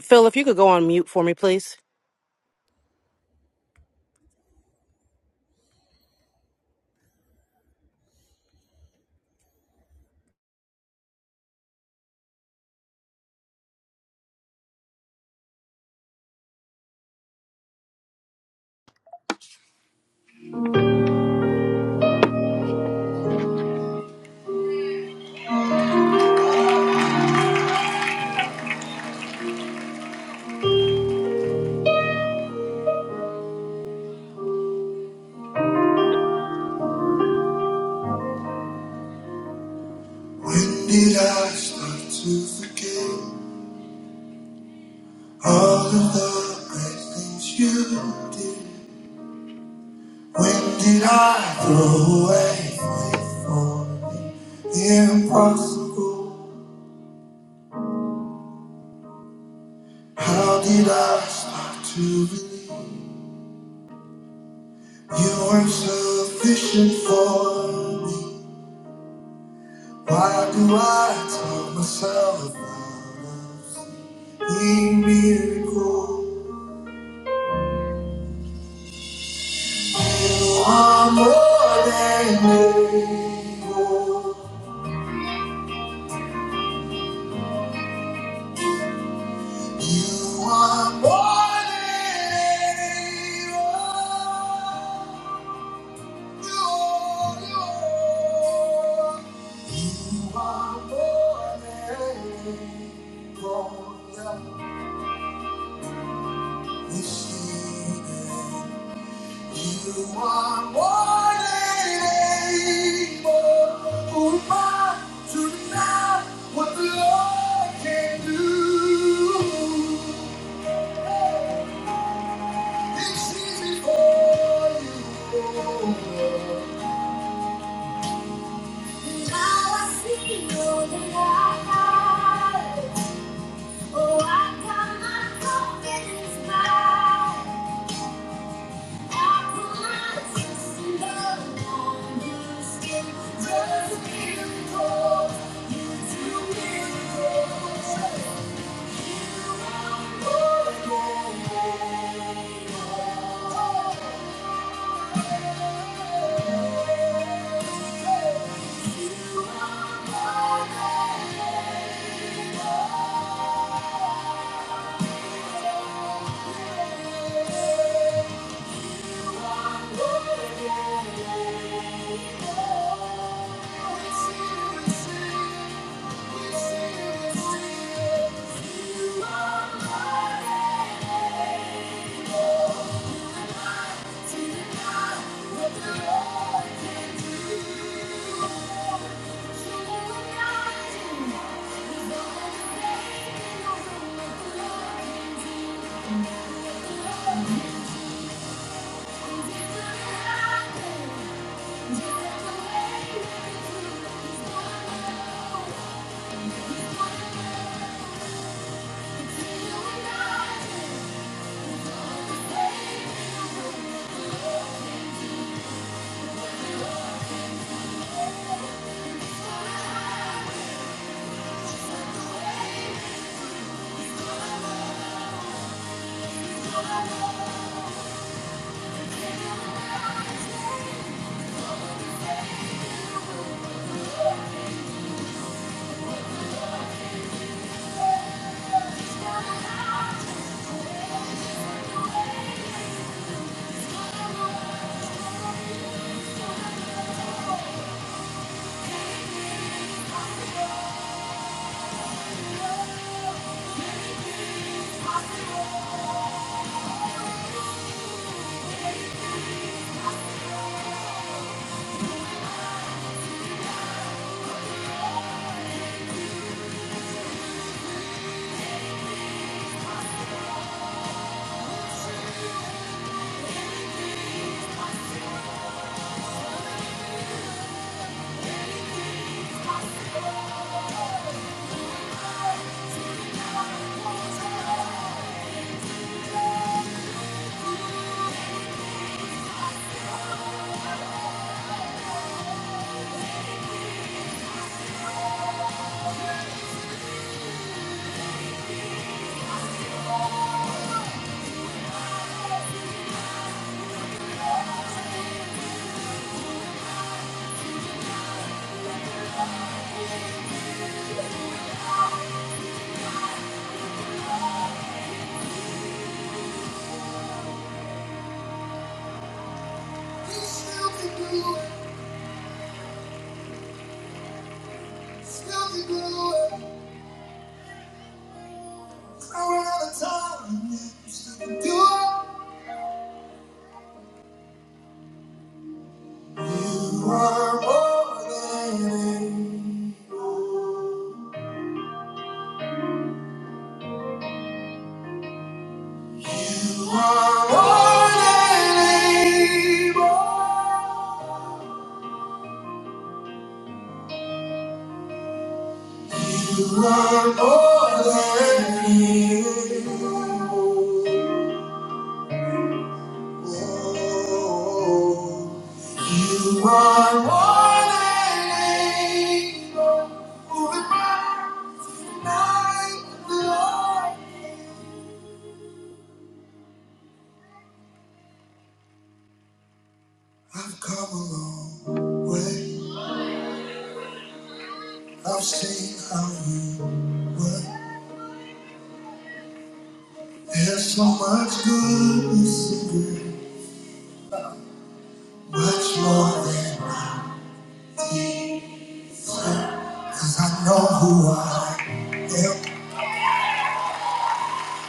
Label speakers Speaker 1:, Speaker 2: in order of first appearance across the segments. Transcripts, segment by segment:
Speaker 1: Phil, if you could go on mute for me, please.
Speaker 2: When did I start to forget all of the great things you did? When did I throw away faith for the impossible? How did I start to believe you weren't sufficient for me? Why do I tell myself about a miracle? You are more than able. You are more than able. You, you, you are more than able. You are more than able. Oh, my, to not what the Lord can do. Oh Thank you. You are more than able. You are more than able. Oh, you are more than able. Moving mountains, night and Lord. I've come a long way. I've seen how you work. There's so much goodness in you, much more than we Cause I know who I am,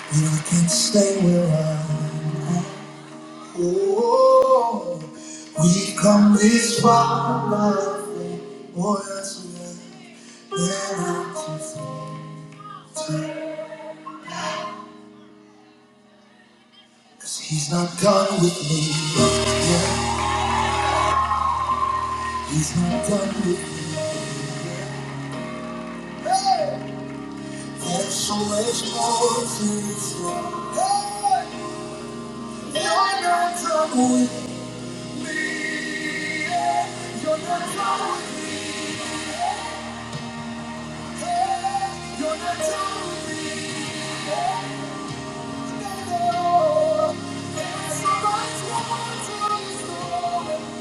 Speaker 2: and I can stay where I am. Oh, we come this far, lovely, more as we have than I can tell. Cause he's not done with me. Yeah, he's not done with me. There's so much more to this love. Hey, you're not done with me. Hey, no, no. There's so much more to this love.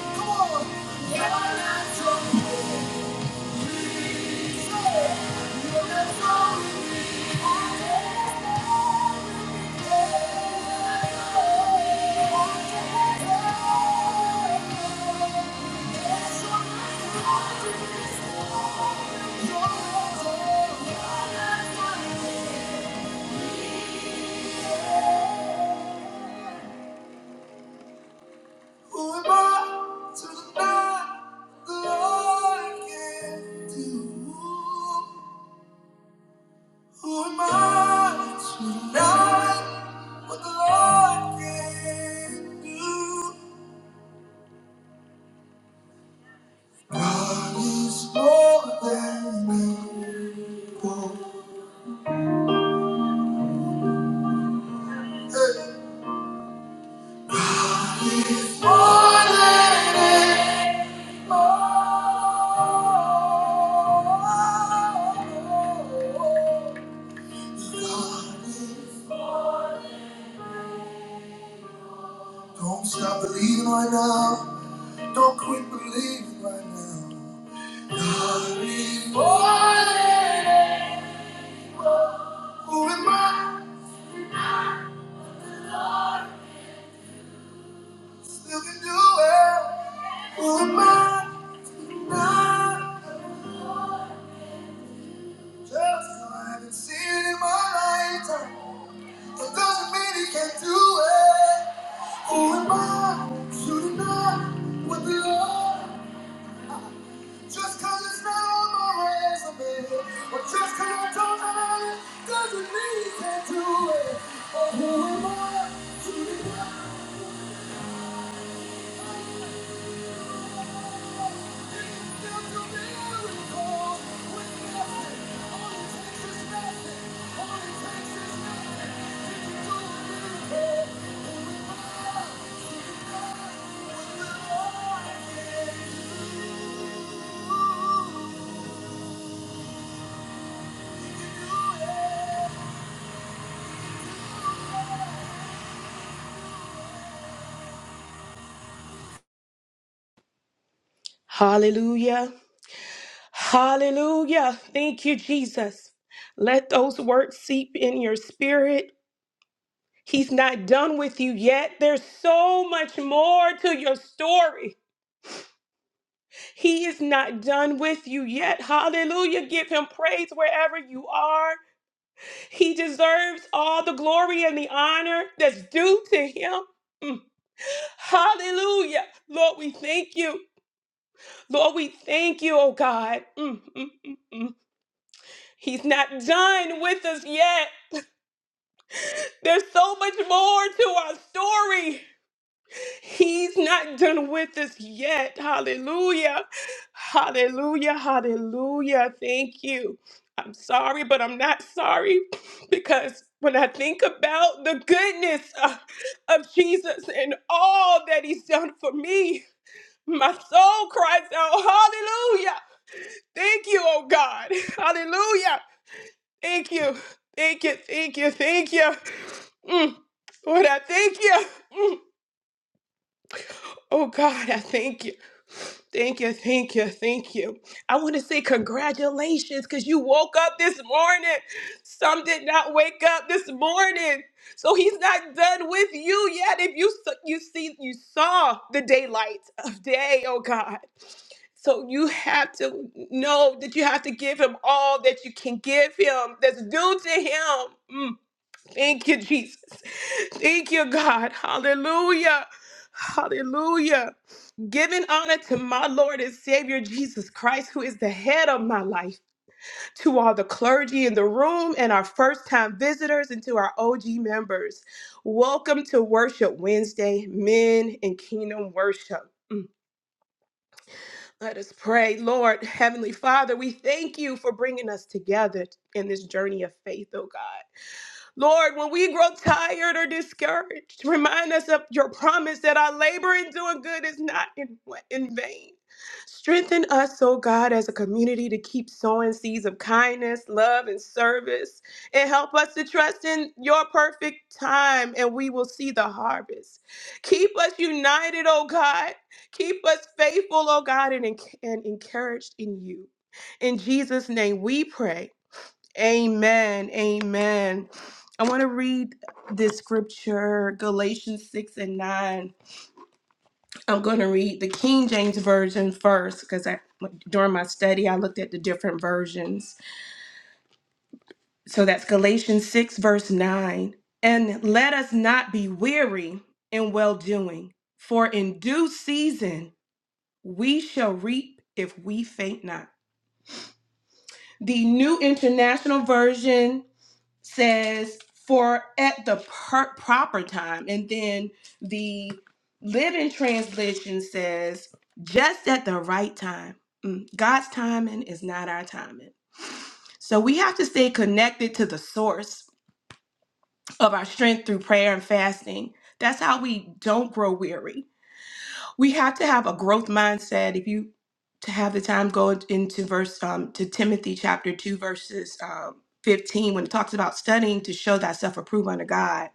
Speaker 2: Come on. You're not done with me. Who am I to deny the Lord can do? Who am I to deny what the Lord can do? God is more than able. Don't stop believing right now. Don't quit believing right now. God is more than. Who am I? Still can do it. Who am I? Not Just 'cause I haven't seen it in my lifetime, that doesn't mean he can't do it. Who am I to deny what the Lord? Just 'cause it's not on my resume, or just 'cause I don't have it, doesn't mean he can't do it. Oh, who am I to deny that he still do miracles with nothing? All it takes is nothing. All it takes is nothing. He can do a miracle.
Speaker 3: Hallelujah. Hallelujah. Thank you, Jesus. Let those words seep in your spirit. He's not done with you yet. There's so much more to your story. He is not done with you yet. Hallelujah. Give him praise wherever you are. He deserves all the glory and the honor that's due to him. Mm. Hallelujah. Lord, we thank you. Lord, we thank you, oh God. Mm, mm, mm, mm. He's not done with us yet. There's so much more to our story. He's not done with us yet. Hallelujah. Hallelujah. Hallelujah. Thank you. I'm sorry, but I'm not sorry because when I think about the goodness of, of Jesus and all that he's done for me, my soul cries out, Hallelujah. Thank you, oh God. Hallelujah. Thank you. Thank you. Thank you. Thank you. Mm. Lord, I thank you. Mm. Oh God, I thank you. Thank you. Thank you. Thank you. I want to say congratulations because you woke up this morning. Some did not wake up this morning. So he's not done with you yet. If you s- you see you saw the daylight of day, oh God. So you have to know that you have to give him all that you can give him that's due to him. Mm. Thank you, Jesus. Thank you, God. Hallelujah. Hallelujah. Giving honor to my Lord and Savior Jesus Christ, who is the head of my life, to all the clergy in the room and our first time visitors and to our OG members. Welcome to Worship Wednesday, Men in Kingdom Worship. Mm. Let us pray. Lord, Heavenly Father, we thank you for bringing us together in this journey of faith, oh God. Lord, when we grow tired or discouraged, remind us of your promise that our labor in doing good is not in, in vain. Strengthen us, oh God, as a community to keep sowing seeds of kindness, love, and service. And help us to trust in your perfect time, and we will see the harvest. Keep us united, oh God. Keep us faithful, oh God, and, en- and encouraged in you. In Jesus' name we pray. Amen. Amen. I want to read this scripture, Galatians 6 and 9. I'm going to read the King James Version first because I, during my study, I looked at the different versions. So that's Galatians 6, verse 9. And let us not be weary in well doing, for in due season we shall reap if we faint not. The New International Version says for at the per- proper time and then the living translation says just at the right time Mm, god's timing is not our timing so we have to stay connected to the source of our strength through prayer and fasting that's how we don't grow weary we have to have a growth mindset if you to have the time go into verse um, to timothy chapter 2 verses um, 15 when it talks about studying to show thyself approved unto god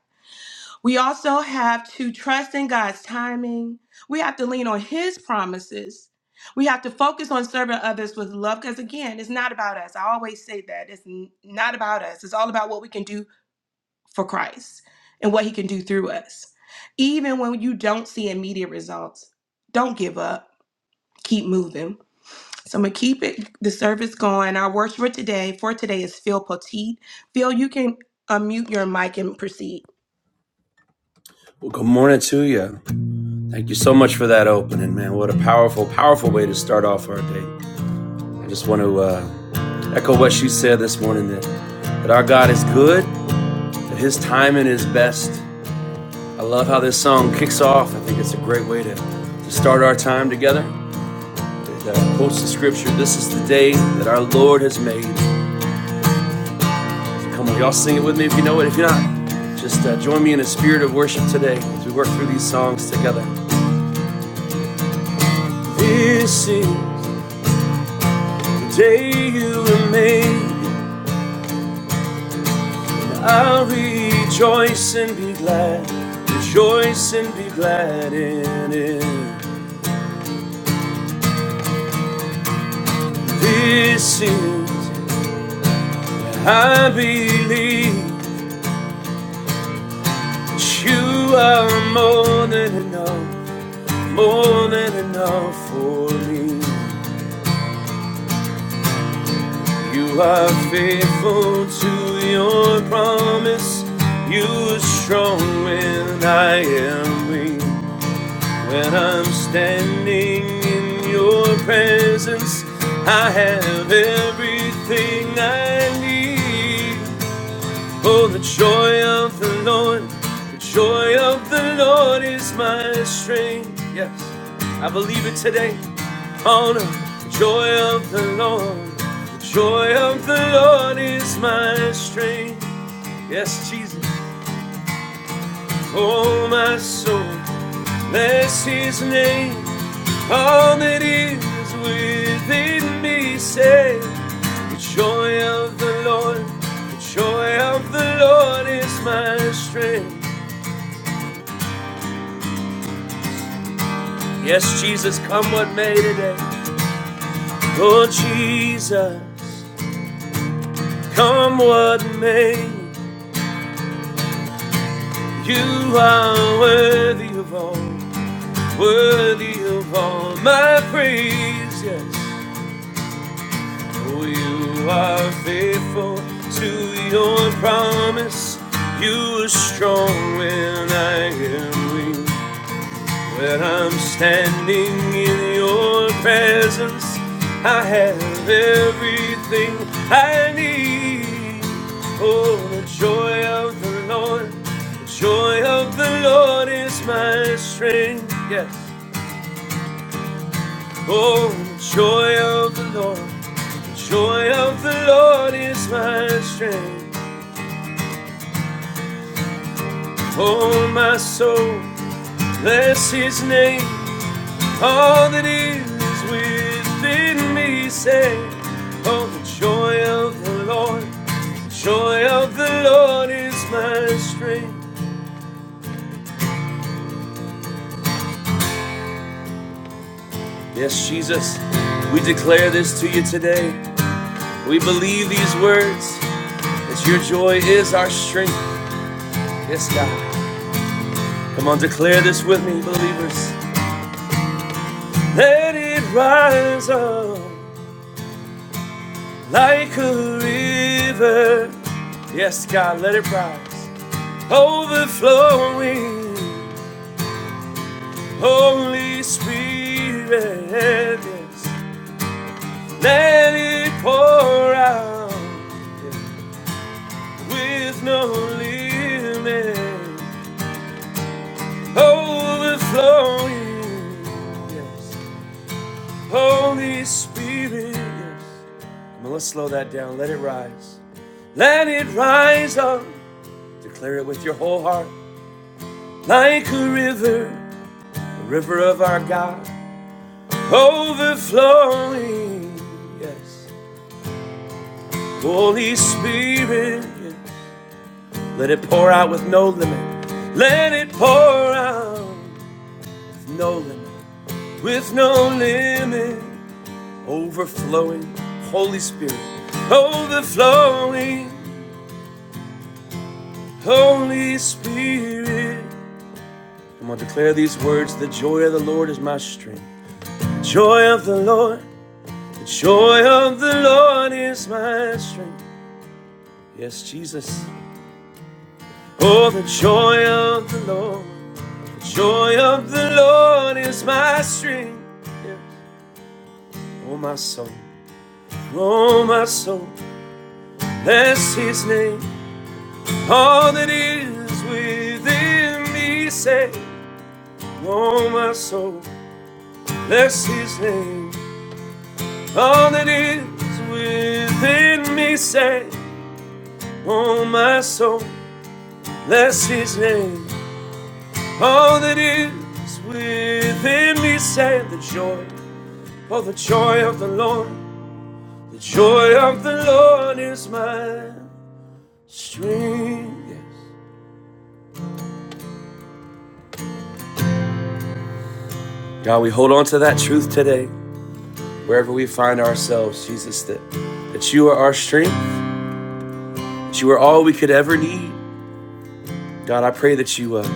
Speaker 3: We also have to trust in God's timing. We have to lean on His promises. We have to focus on serving others with love because, again, it's not about us. I always say that. It's n- not about us. It's all about what we can do for Christ and what He can do through us. Even when you don't see immediate results, don't give up. Keep moving. So I'm gonna keep it the service going. Our worshiper today for today is Phil Petit. Phil, you can unmute your mic and proceed.
Speaker 4: Well, good morning to you. Thank you so much for that opening, man. What a powerful, powerful way to start off our day. I just want to uh, echo what she said this morning that, that our God is good, that His timing is best. I love how this song kicks off. I think it's a great way to, to start our time together. It uh, quotes the scripture This is the day that our Lord has made. So come on, y'all sing it with me if you know it. If you're not, just uh, join me in a spirit of worship today as we work through these songs together. This is The day you were made, I'll rejoice and be glad, rejoice and be glad in it. This is, I believe, that you are more than enough, more than enough for me. You are faithful to your promise, you are strong when I am weak. When I'm standing in your presence, I have everything I need. Oh, the joy of the Lord, the joy of the Lord is my strength. Yes, I believe it today. Oh, no, the joy of the Lord, the joy of the Lord is my strength. Yes, Jesus. Oh, my soul, bless his name. All that is within me say, The joy of the Lord, the joy of the Lord is my strength. Yes, Jesus, come what may today. Oh, Jesus, come what may. You are worthy of all, worthy of all my praise. Yes. Oh, you are faithful to your promise. You are strong when I am weak. When I'm standing in your presence, I have everything I need. Oh, the joy of the Lord, the joy of the Lord is my strength. Yes. Oh, the joy of the Lord, the joy of the Lord is my strength. Oh, my soul, bless his name. All that is within me say, Oh, the joy of the Lord, the joy of the Lord is my strength. Yes, Jesus, we declare this to you today. We believe these words that your joy is our strength. Yes, God. Come on, declare this with me, believers. Let it rise up like a river. Yes, God, let it rise. Overflowing, Holy Spirit. Yes. Let it pour out with no limit. Overflowing, yes. Holy Spirit. Yes. Come on, let's slow that down. Let it rise. Let it rise up. Declare it with your whole heart. Like a river, the river of our God, overflowing. Yes. Holy Spirit, yeah. let it pour out with no limit. Let it pour out with no limit. With no limit. Overflowing. Holy Spirit, overflowing. Holy Spirit. I'm going to declare these words the joy of the Lord is my strength. Joy of the Lord, the joy of the Lord is my strength. Yes, Jesus. Oh, the joy of the Lord, the joy of the Lord is my strength. Yes. Oh, my soul, oh, my soul, bless his name. All that is within me, say, Oh, my soul, bless his name. All that is within me, say, Oh, my soul. Bless his name. All that is within me say the joy. For the joy of the Lord. The joy of the Lord is my strength. Yes. God, we hold on to that truth today. Wherever we find ourselves, Jesus, that, that you are our strength, that you are all we could ever need. God, I pray that you uh,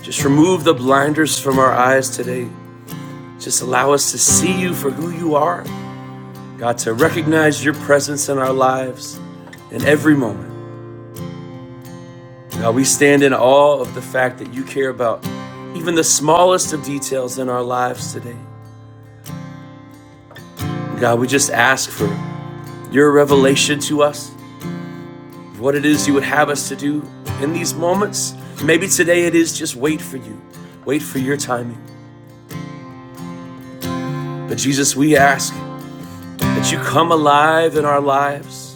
Speaker 4: just remove the blinders from our eyes today. Just allow us to see you for who you are. God, to recognize your presence in our lives in every moment. God, we stand in awe of the fact that you care about even the smallest of details in our lives today. God, we just ask for your revelation to us, of what it is you would have us to do in these moments. Maybe today it is just wait for you, wait for your timing. But Jesus, we ask that you come alive in our lives,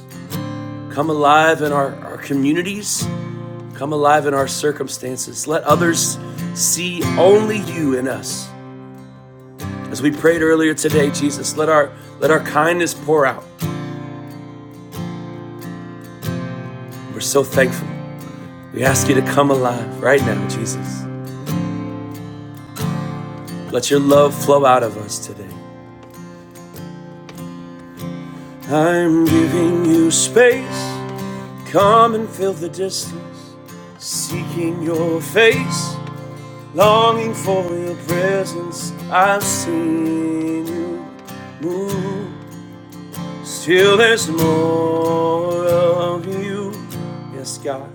Speaker 4: come alive in our, our communities, Come alive in our circumstances. Let others see only you in us. As we prayed earlier today, Jesus, let our let our kindness pour out. We're so thankful. We ask you to come alive right now, Jesus. Let your love flow out of us today. I'm giving you space. Come and fill the distance. Seeking your face, longing for your presence. I've seen you move. Still there's more of you, yes, God.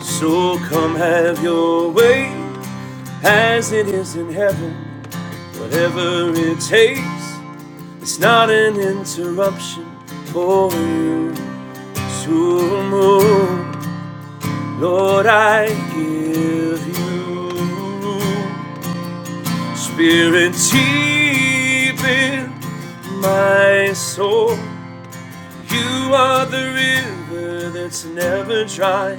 Speaker 4: So come have your way as it is in heaven. Whatever it takes, it's not an interruption for you to move. Lord, I give you spirit deep in my soul. You are the river that's never dry.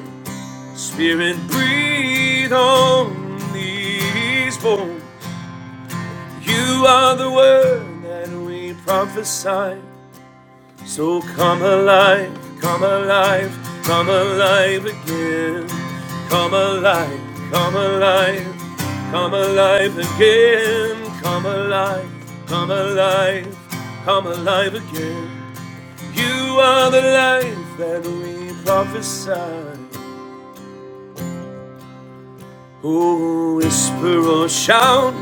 Speaker 4: Spirit, breathe on these bones. You are the word that we prophesy. So come alive, come alive, come alive again. Come alive, come alive, come alive again. Come alive, come alive, come alive again. You are the life that we prophesy. Oh, whisper or shout,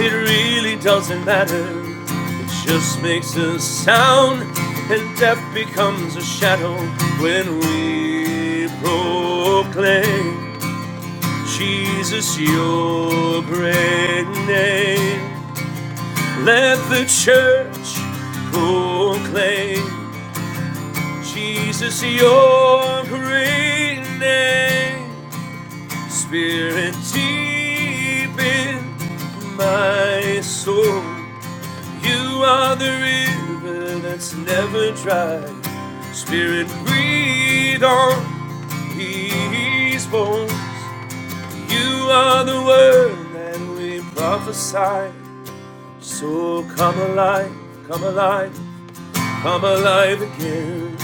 Speaker 4: it really doesn't matter. It just makes a sound, and death becomes a shadow when we proclaim Jesus, your great name. Let the church proclaim. Jesus, your great name, Spirit deep in my soul. You are the river that's never dry. Spirit, breathe on these bones. You are the word that we prophesy. So come alive, come alive. Come alive again.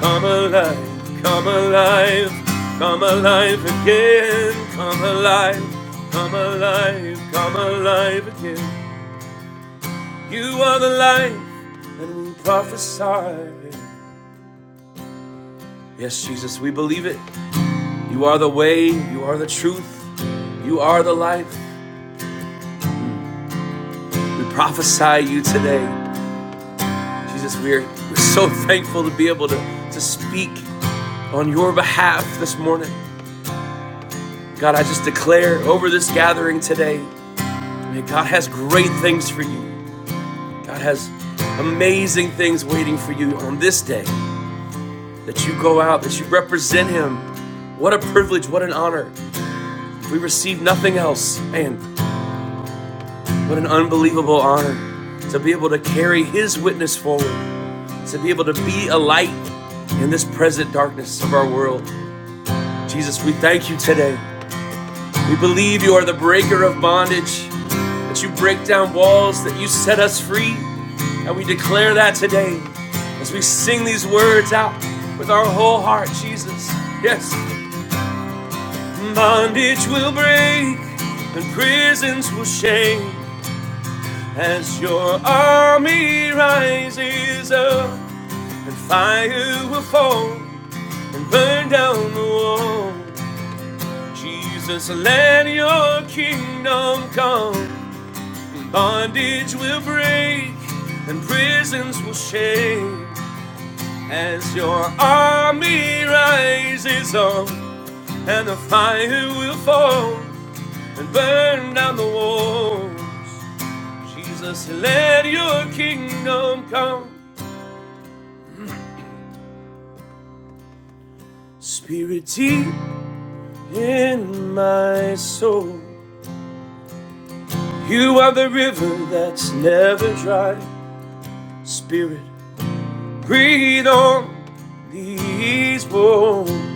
Speaker 4: Come alive. Come alive. Come alive again. Come alive. Come alive. Come alive again. You are the life, and we prophesy. Yes, Jesus, we believe it. You are the way. You are the truth. You are the life. We prophesy you today. Jesus, we're, we're so thankful to be able to, to speak on your behalf this morning. God, I just declare over this gathering today, man, God has great things for you. God has amazing things waiting for you on this day that you go out, that you represent Him. What a privilege, what an honor. If we receive nothing else, man, what an unbelievable honor to be able to carry His witness forward, to be able to be a light in this present darkness of our world. Jesus, we thank you today. We believe you are the breaker of bondage, that you break down walls, that you set us free. And we declare that today as we sing these words out with our whole heart, Jesus. Yes. Bondage will break and prisons will shake as your army rises up and fire will fall and burn down the wall. Jesus, let your kingdom come. Bondage will break and prisons will shake as your army rises up and the fire will fall and burn down the walls. Jesus, let your kingdom come. Spirit deep in my soul. You are the river that's never dry. Spirit, breathe on these bones.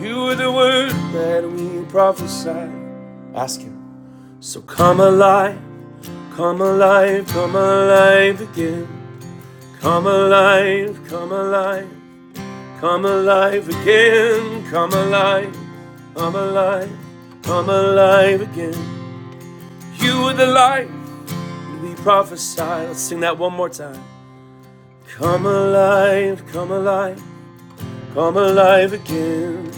Speaker 4: You were the word that we prophesied. Ask him. So come alive, come alive, come alive again. Come alive, come alive, come alive again. Come alive, come alive, come alive again. You were the light we prophesied. Let's sing that one more time. Come alive, come alive, come alive again.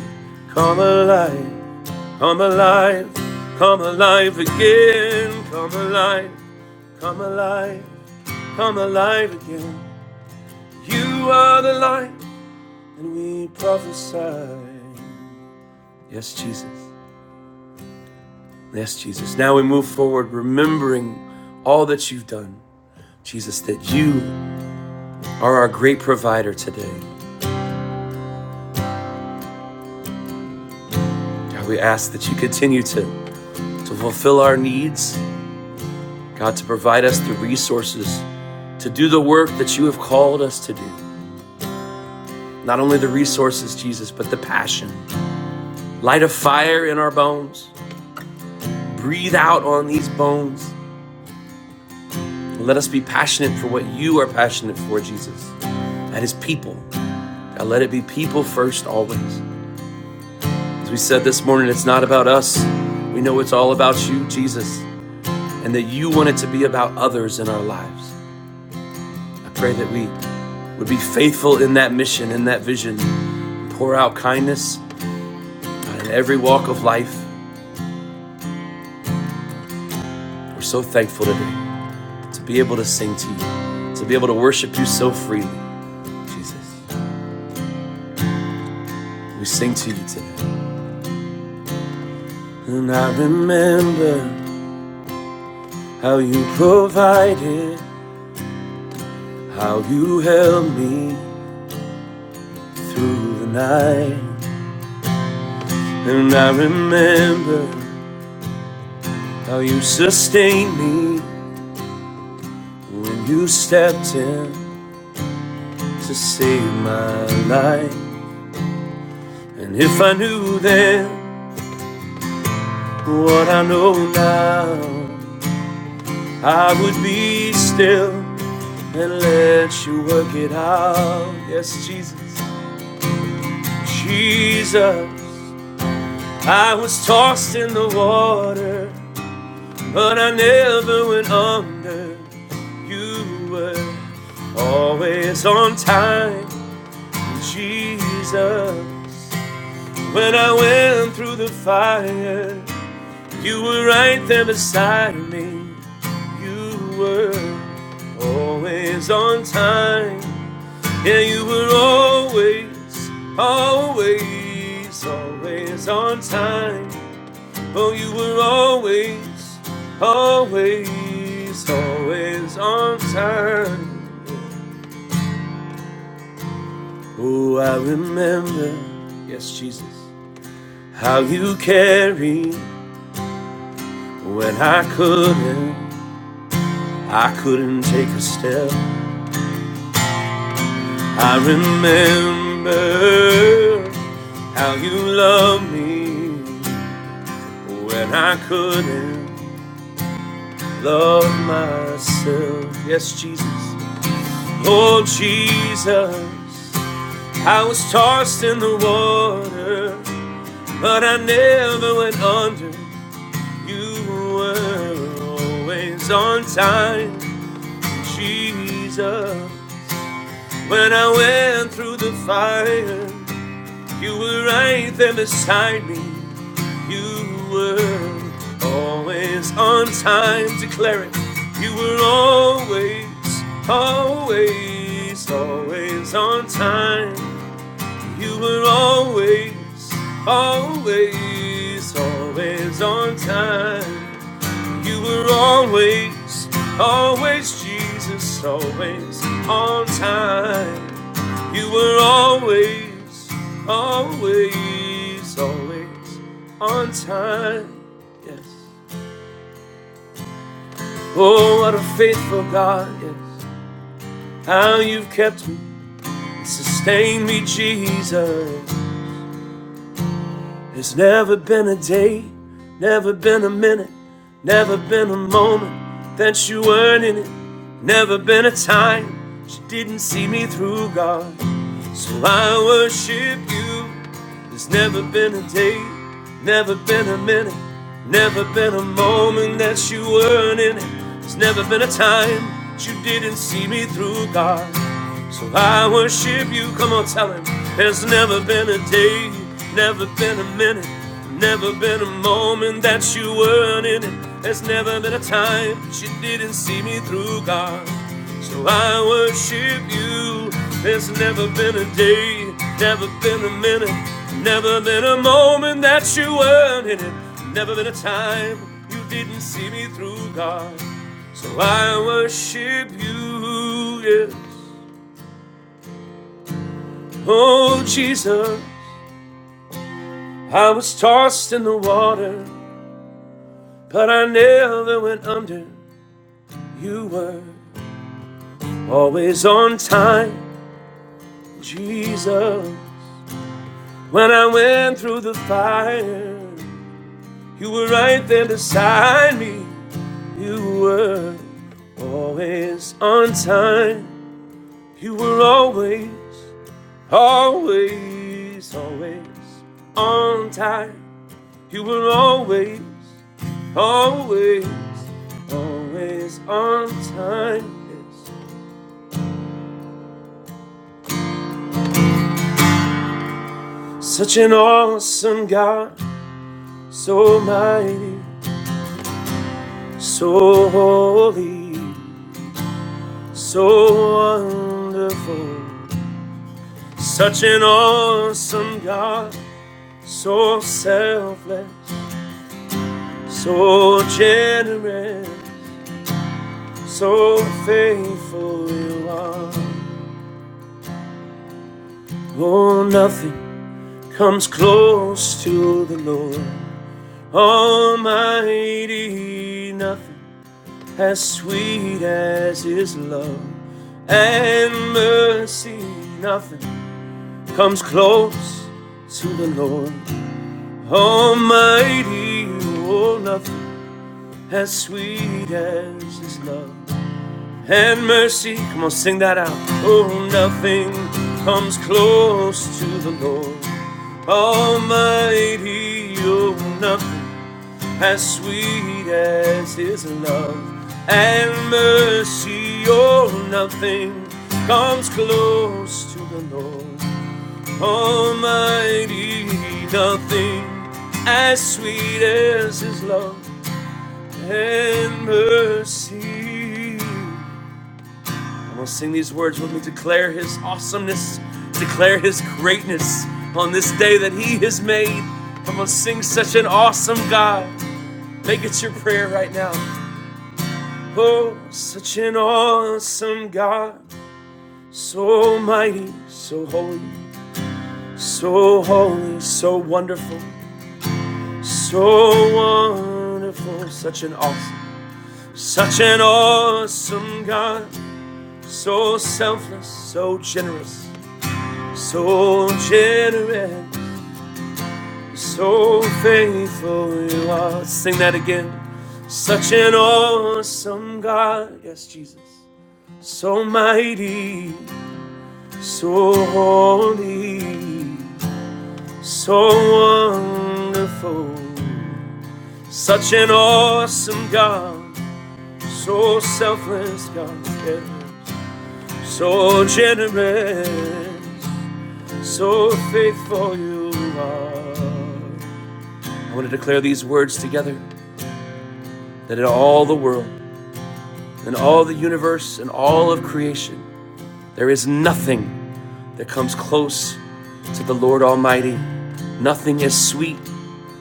Speaker 4: Come alive. Come alive, come alive again, come alive, come alive, come alive again. You are the light, and we prophesy. Yes, Jesus. Yes, Jesus. Now we move forward, remembering all that you've done. Jesus, that you are our great provider today. God, we ask that you continue to, to fulfill our needs, God, to provide us the resources to do the work that you have called us to do. Not only the resources, Jesus, but the passion. Light a fire in our bones. Breathe out on these bones. Let us be passionate for what you are passionate for, Jesus. That is people. God, let it be people first always. As we said this morning, it's not about us. We know it's all about you, Jesus, and that you want it to be about others in our lives. I pray that we would be faithful in that mission, in that vision. Pour out kindness in every walk of life. We're so thankful today. to be able to sing to you, to be able to worship you so freely, Jesus. We sing to you today. And I remember how you provided, how you held me through the night. And I remember how you sustained me when you stepped in to save my life. And if I knew then what I know now, I would be still and let you work it out. Yes, Jesus, Jesus. I was tossed in the water, but I never went under. You were always on time, Jesus. When I went through the fire, you were right there beside me. You were always on time, Yeah, you were always, always, always on time. Oh, you were always, always, always on time. Oh, I remember, yes, Jesus, how you carried when I couldn't, I couldn't take a step. I remember how you loved me when I couldn't. love myself. Yes, Jesus. Oh, Jesus. I was tossed in the water, but I never went under. You were always on time, Jesus. When I went through the fire, you were right there beside me. You were always on time, declaring you were always, always, always on time. You were always, always, always on time. You were always, always, Jesus, always on time. You were always, always, always on time. Yes. Oh, what a faithful God, yes. How you've kept me and sustained me, Jesus. There's never been a day, never been a minute, never been a moment that you weren't in it. Never been a time she didn't see me through, God. So I worship you. There's never been a day, never been a minute, never been a moment that you weren't in it. There's never been a time that you didn't see me through, God. So I worship you. Come on, tell him. There's never been a day, never been a minute, never been a moment that you weren't in it. There's never been a time that you didn't see me through, God. So I worship you. There's never been a day, never been a minute, never been a moment that you weren't in it. Never been a time you didn't see me through, God. So I worship you, Yeah. Oh, Jesus, I was tossed in the water, but I never went under. You were always on time, Jesus. When I went through the fire, you were right there beside me. You were always on time. You were always, always, always on time. You were always Always, always on time. Yes. Such an awesome God, so mighty, so holy, so wonderful. Such an awesome God, so selfless, so generous, so faithful you are. Oh, nothing comes close to the Lord. Almighty, nothing as sweet as His love and mercy, nothing comes close to the Lord. Almighty, oh, nothing as sweet as His love and mercy. Come on, sing that out. Oh, nothing comes close to the Lord. Almighty, oh, nothing. as sweet as his love and mercy oh, nothing comes close to the lord almighty nothing as sweet as his love and mercy i'm gonna sing these words with me declare his awesomeness declare his greatness on this day that he has made i'm gonna sing such an awesome god make it your prayer right now Oh, such an awesome God, so mighty, so holy, so holy, so wonderful, so wonderful, such an awesome, such an awesome God, so selfless, so generous, so generous, so faithful you are. Let's Sing that again. Such an awesome God, yes, Jesus, so mighty. So holy, so wonderful, such an awesome God, so selfless God, yes. so generous, so faithful you are. I want to declare these words together that in all the world, in all the universe, in all of creation, there is nothing that comes close to the Lord Almighty. Nothing is sweet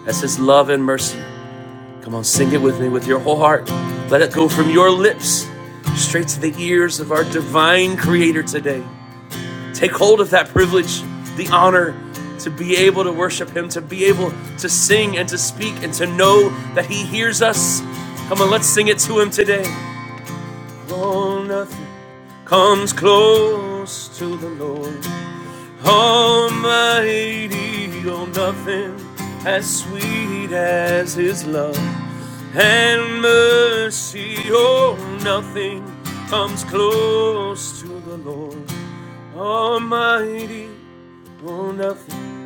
Speaker 4: That's His love and mercy. Come on, sing it with me with your whole heart. Let it go from your lips straight to the ears of our divine Creator today. Take hold of that privilege, the honor to be able to worship Him, to be able to sing and to speak and to know that He hears us. Come on, let's sing it to Him today. Oh, nothing comes close to the Lord. Almighty, oh, nothing as sweet as His love and mercy, oh, nothing comes close to the Lord. Almighty, oh, nothing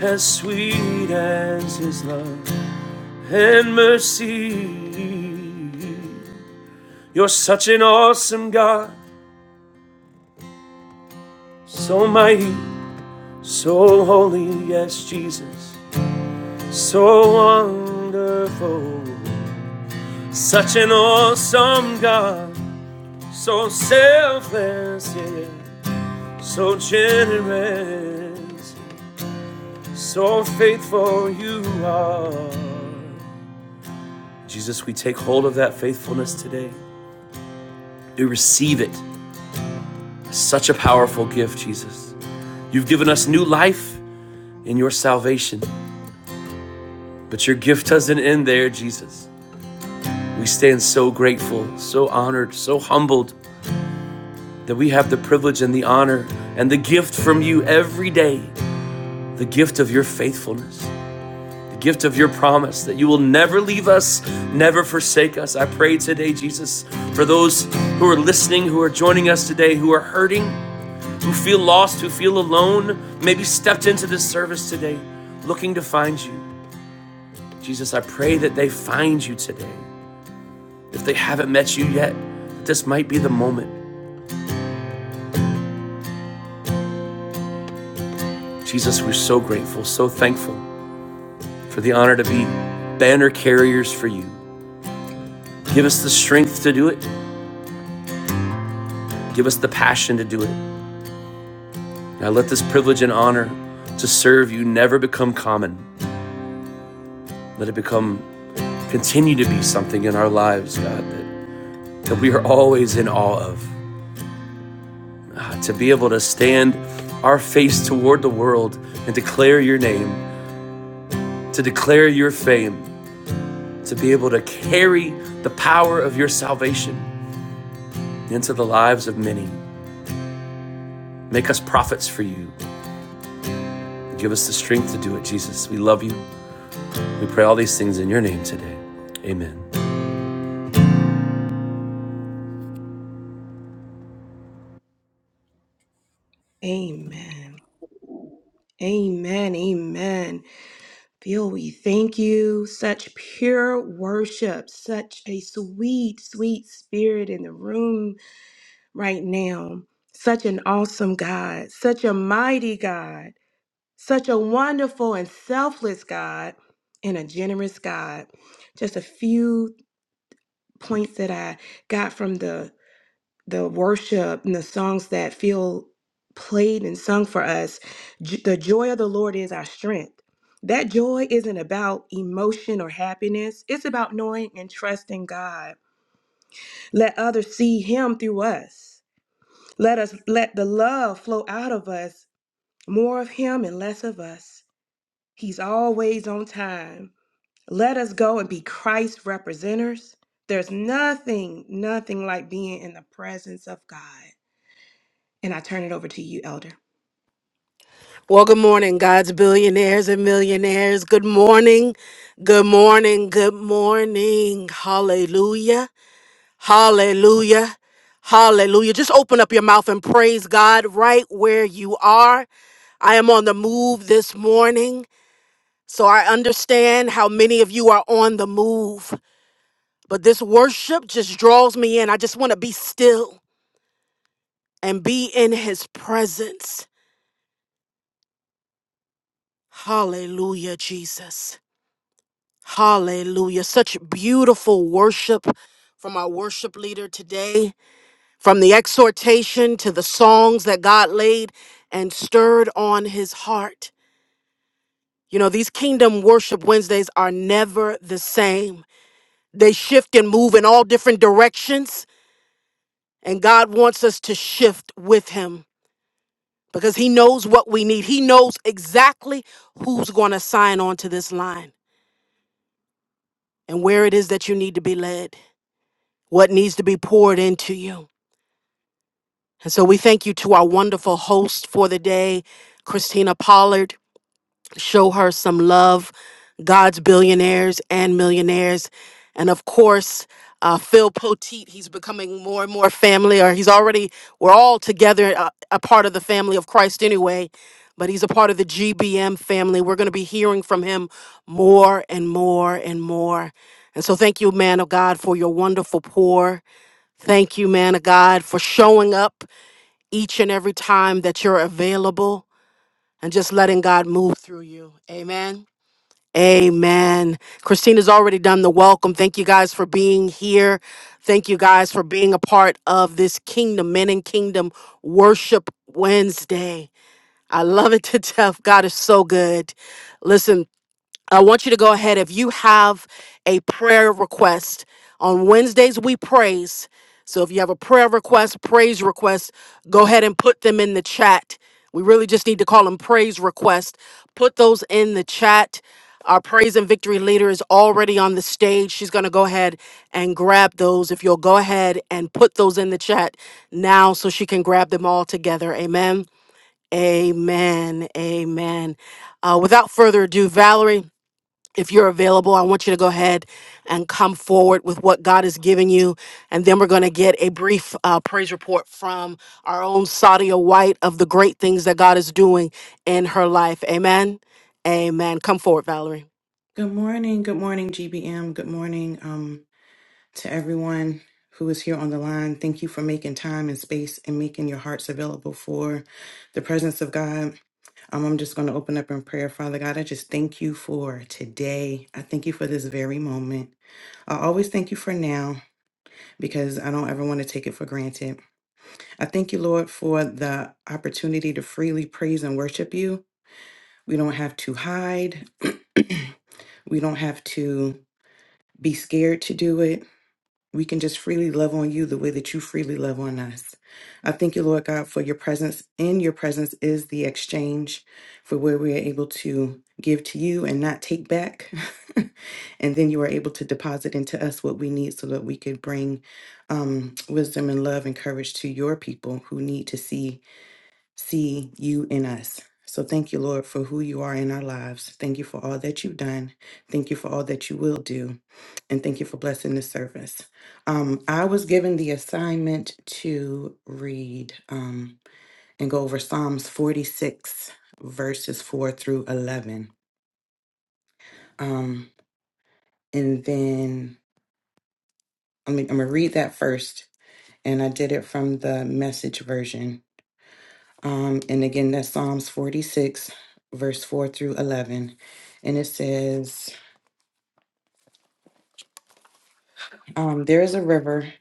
Speaker 4: as sweet as His love and mercy. You're such an awesome God, so mighty, so holy, yes, Jesus. So wonderful, such an awesome God, so selfless, yeah, so generous, so faithful you are. Jesus, we take hold of that faithfulness today. We receive it. Such a powerful gift, Jesus. You've given us new life in your salvation, but your gift doesn't end there, Jesus. We stand so grateful, so honored, so humbled that we have the privilege and the honor and the gift from you every day the gift of your faithfulness, the gift of your promise that you will never leave us, never forsake us. I pray today, Jesus, for those who are listening, who are joining us today, who are hurting, who feel lost, who feel alone, maybe stepped into this service today looking to find you. Jesus, I pray that they find you today. If they haven't met you yet, this might be the moment. Jesus, we're so grateful, so thankful for the honor to be banner carriers for you. Give us the strength to do it. Give us the passion to do it. Now let this privilege and honor to serve you never become common. Let it become, continue to be something in our lives, God, that, that we are always in awe of. Ah, to be able to stand our face toward the world and declare your name, to declare your fame, to be able to carry the power of your salvation into the lives of many. Make us prophets for you. Give us the strength to do it, Jesus. We love you. We pray all these things in your name today. Amen.
Speaker 3: Amen. Amen. Amen. Phil, we thank you. Such pure worship, such a sweet, sweet spirit in the room right now. Such an awesome God, such a mighty God. Such a wonderful and selfless God and a generous God. Just a few points that I got from the the worship and the songs that feel played and sung for us. J- the joy of the Lord is our strength. That joy isn't about emotion or happiness. It's about knowing and trusting God. Let others see him through us. Let us let the love flow out of us, more of him and less of us. He's always on time. Let us go and be Christ representers. There's nothing, nothing like being in the presence of God. And I turn it over to you, Elder.
Speaker 1: Well, good morning, God's billionaires and millionaires. Good morning. Good morning. Good morning. Hallelujah. Hallelujah. Hallelujah. Just open up your mouth and praise God right where you are. I am on the move this morning, so I understand how many of you are on the move. But this worship just draws me in. I just want to be still and be in his presence. Hallelujah, Jesus. Hallelujah. Such beautiful worship from our worship leader today, from the exhortation to the songs that God laid and stirred on his heart. You know, these Kingdom Worship Wednesdays are never the same. They shift and move in all different directions, and God wants us to shift with him because he knows what we need. He knows exactly who's going to sign on to this line and where it is that you need to be led. what needs to be poured into you. And so we thank you to our wonderful host for the day, Christina Pollard. Show her some love, God's billionaires and millionaires. And of course, uh, Phil Poteet, he's becoming more and more family, or he's already, we're all together, uh, a part of the family of Christ anyway, but he's a part of the GBM family. We're going to be hearing from him more and more and more. And so thank you, man of God, for your wonderful pour. Thank you, man of God, for showing up each and every time that you're available and just letting God move through you. Amen. Amen. Christina's already done the welcome. Thank you guys for being here. Thank you guys for being a part of this Kingdom Men and Kingdom Worship Wednesday. I love it to death. God is so good. Listen, I want you to go ahead. If you have a prayer request, on Wednesdays we praise. So if you have a prayer request, praise request, go ahead and put them in the chat. We really just need to call them praise requests. Put those in the chat. Our praise and victory leader is already on the stage. She's going to go ahead and grab those. If you'll go ahead and put those in the chat now so she can grab them all together. Amen. Amen. Amen. Uh, without further ado, Valerie if you're available, I want you to go ahead and come forward with what God is giving you. And then we're going to get a brief uh, praise report from our own Sadia White of the great things that God is doing in her life. Amen. Amen. Come forward, Valerie.
Speaker 5: Good morning. Good morning, GBM. Good morning um, to everyone who is here on the line. Thank you for making time and space and making your hearts available for the presence of God. Um, I'm just going to open up in prayer. Father God, I just thank you for today. I thank you for this very moment. I always thank you for now because I don't ever want to take it for granted. I thank you, Lord, for the opportunity to freely praise and worship you. We don't have to hide. we don't have to. be scared to do it. We can just freely love on you the way that you freely love on us. I thank you, Lord God, for your presence. In your presence is the exchange for where we are able to give to you and not take back. and then you are able to deposit into us what we need so that we could bring um, wisdom and love and courage to your people who need to see see you in us. So thank you, Lord, for who you are in our lives. Thank you for all that you've done. Thank you for all that you will do. And thank you for blessing this service. Um, I was given the assignment to read um, and go over Psalms 46, verses 4 through 11. Um, and then I mean, I'm going to read that first. And I did it from the message version. Um, and again, that's Psalms 46, verse 4 through 11. And it says, um, There is a river,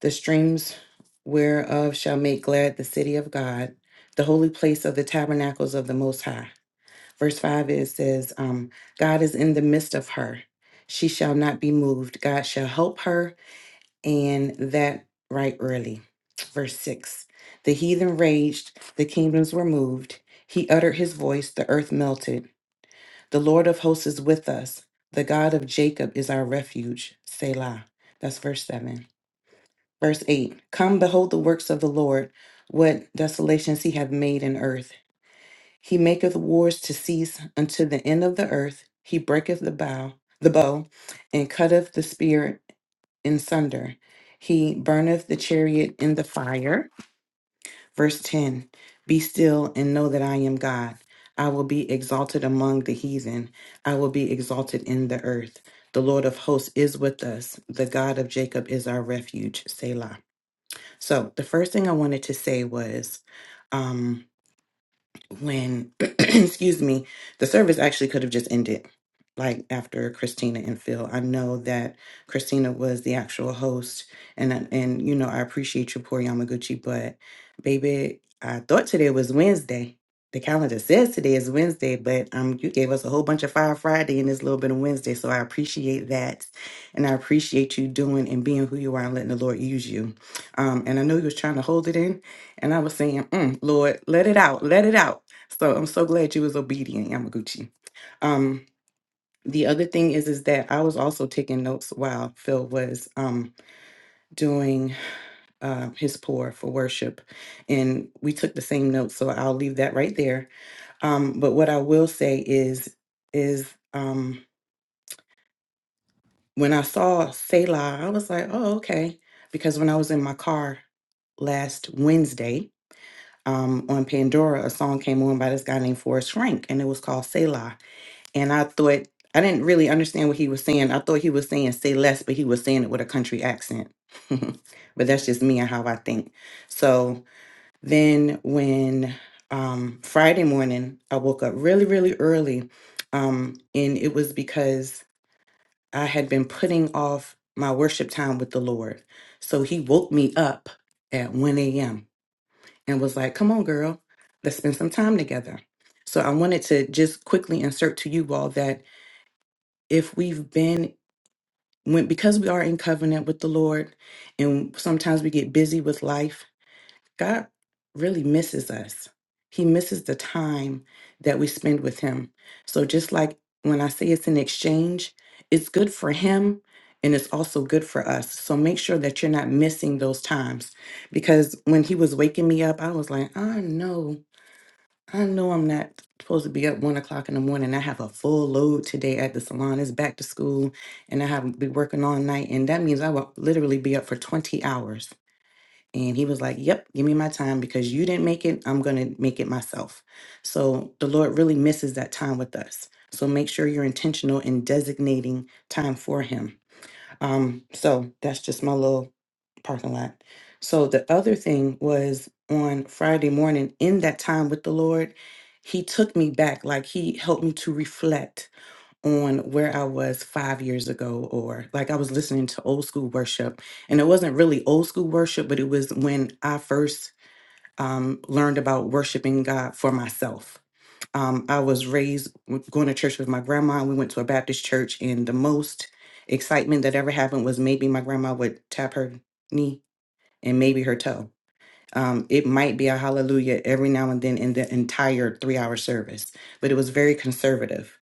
Speaker 5: the streams whereof shall make glad the city of God, the holy place of the tabernacles of the Most High. Verse 5, it says, um, God is in the midst of her. She shall not be moved. God shall help her, and that right early. Verse 6, the heathen raged, the kingdoms were moved. He uttered his voice, the earth melted. The Lord of hosts is with us. The God of Jacob is our refuge. Selah. That's verse 7. Verse 8 Come, behold the works of the Lord, what desolations he hath made in earth. He maketh wars to cease unto the end of the earth. He breaketh the bow, the bow, and cutteth the spear in sunder. He burneth the chariot in the fire. Verse 10 Be still and know that I am God. I will be exalted among the heathen, I will be exalted in the earth. The Lord of hosts is with us. The God of Jacob is our refuge. Selah. So, the first thing I wanted to say was um, when excuse me the service actually could have just ended like after christina and phil i know that christina was the actual host and and you know i appreciate you poor yamaguchi but baby i thought today was wednesday the calendar says today is wednesday but um you gave us a whole bunch of fire friday and this little bit of wednesday so i appreciate that and i appreciate you doing and being who you are and letting the lord use you um and i know you was trying to hold it in and I was saying, mm, Lord, let it out, let it out. So I'm so glad you was obedient, Yamaguchi. Um, the other thing is, is that I was also taking notes while Phil was um, doing uh, his pour for worship, and we took the same notes. So I'll leave that right there. Um, but what I will say is, is um, when I saw Selah, I was like, oh, okay, because when I was in my car last Wednesday. um, on Pandora, a song came on by this guy named Forrest Frank, and it was called Selah. And I thought, I didn't really understand what he was saying. I thought he was saying say less, but he was saying it with a country accent. but that's just me and how I think. So then when um, Friday morning, I woke up really, really early. Um, and it was because I had been putting off my worship time with the Lord. So he woke me up at 1 a.m and was like, come on, girl, let's spend some time together. So I wanted to just quickly insert to you all that if we've been, when, because we are in covenant with the Lord and sometimes we get busy with life, God really misses us. He misses the time that we spend with Him. So just like when I say it's an exchange, it's good for Him and it's also good for us. So make sure that you're not missing those times because when He was waking me up, I was like, I know I know I'm not supposed to be up one o'clock in the morning. I have a full load today at the salon. It's back to school, and I have to be working all night, and that means I will literally be up for twenty hours. And he was like, "Yep, give me my time because you didn't make it. I'm gonna make it myself." So the Lord really misses that time with us. So make sure you're intentional in designating time for Him um, so that's just my little parking lot. So the other thing was on Friday morning, in that time with the Lord, He took me back. Like He helped me to reflect on where I was five years ago, or like I was listening to old school worship. And it wasn't really old school worship, but it was when I first um, learned about worshiping God for myself. Um, I was raised with- going to church with my grandma. and We went to a Baptist church, and the most excitement that ever happened was maybe my grandma would tap her knee and maybe her toe. Um, it might be a hallelujah every now and then in the entire three hour service, but it was very conservative.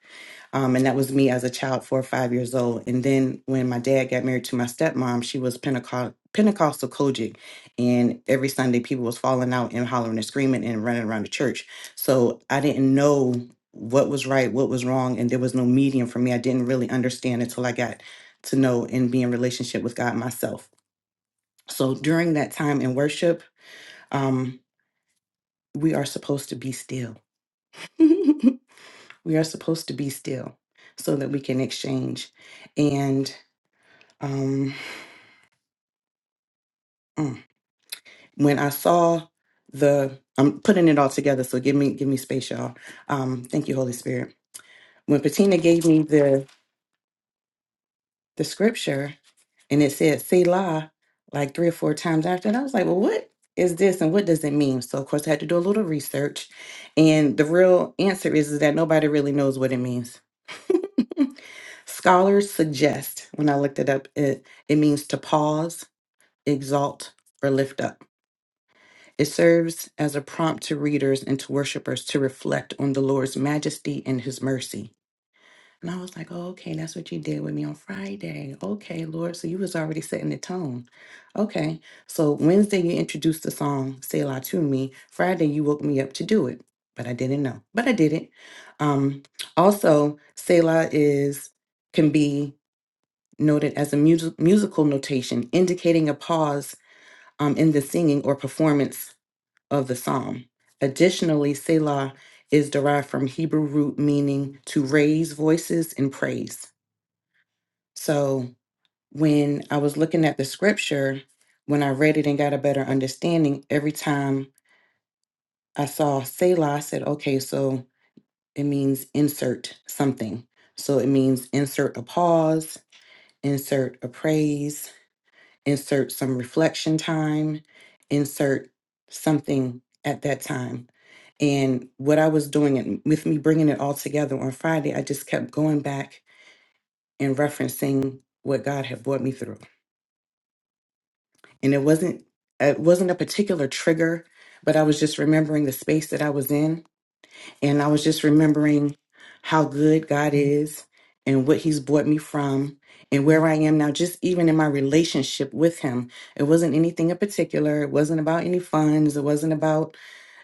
Speaker 5: Um, and that was me as a child, four or five years old. And then when my dad got married to my stepmom, she was Pentecost, Pentecostal Kojic. And every Sunday, people was falling out and hollering and screaming and running around the church. So I didn't know what was right, what was wrong, and there was no medium for me. I didn't really understand until I got to know and be in relationship with God myself. So during that time in worship, um, we are supposed to be still. we are supposed to be still so that we can exchange. And Um, mm. when I saw the, I'm putting it all together, so give me give me space, y'all. Um, thank you, Holy Spirit. When Patina gave me the the scripture, and it said Selah like three or four times after. And I was like, well, what is this and what does it mean? So, of course, I had to do a little research. And the real answer is, is that nobody really knows what it means. Scholars suggest, when I looked it up, it, it means to pause, exalt, or lift up. It serves as a prompt to readers and to worshipers to reflect on the Lord's majesty and his mercy. And I was like, oh, okay, that's what you did with me on Friday. Okay, Lord, so you was already setting the tone. Okay, so Wednesday you introduced the song Selah to me. Friday you woke me up to do it, but I didn't know, but I did it. Um, also, Selah is can be noted as a mus- musical notation indicating a pause um, in the singing or performance of the psalm. Additionally, Selah is derived from Hebrew root meaning to raise voices in praise. So when I was looking at the scripture, when I read it and got a better understanding, every time I saw Selah, I said, okay, so it means insert something. So it means insert a pause, insert a praise, insert some reflection time, insert something at that time. And what I was doing and with me bringing it all together on Friday, I just kept going back and referencing what God had brought me through. And it wasn't it wasn't a particular trigger, but I was just remembering the space that I was in And I was just remembering how good God is and what He's brought me from and where I am now, just even in my relationship with Him. It wasn't anything in particular. It wasn't about any funds. It wasn't about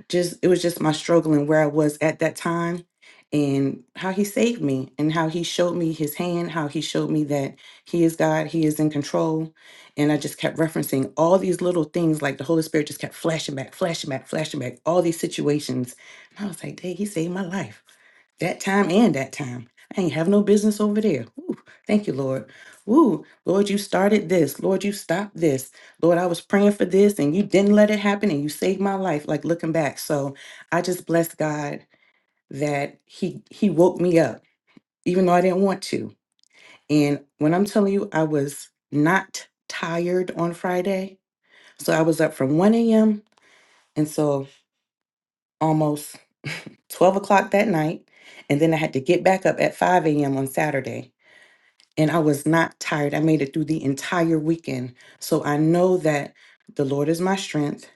Speaker 5: just it was just my struggle and where I was at that time and how he saved me and how he showed me his hand, how he showed me that he is God, he is in control. And I just kept referencing all these little things like the Holy Spirit just kept flashing back, flashing back, flashing back, all these situations. And I was like, dang, he saved my life that time and that time. I ain't have no business over there. Ooh, thank you, Lord. Ooh, Lord, you started this. Lord, you stopped this. Lord, I was praying for this and you didn't let it happen and you saved my life, like looking back. So I just bless God that He He woke me up, even though I didn't want to. And when I'm telling you, I was not tired on Friday. So I was up from 1 a.m. until almost 12 o'clock that night. And then I had to get back up at 5 a.m. on Saturday and I was not tired. I made it through the entire weekend. So I know that the Lord is my strength.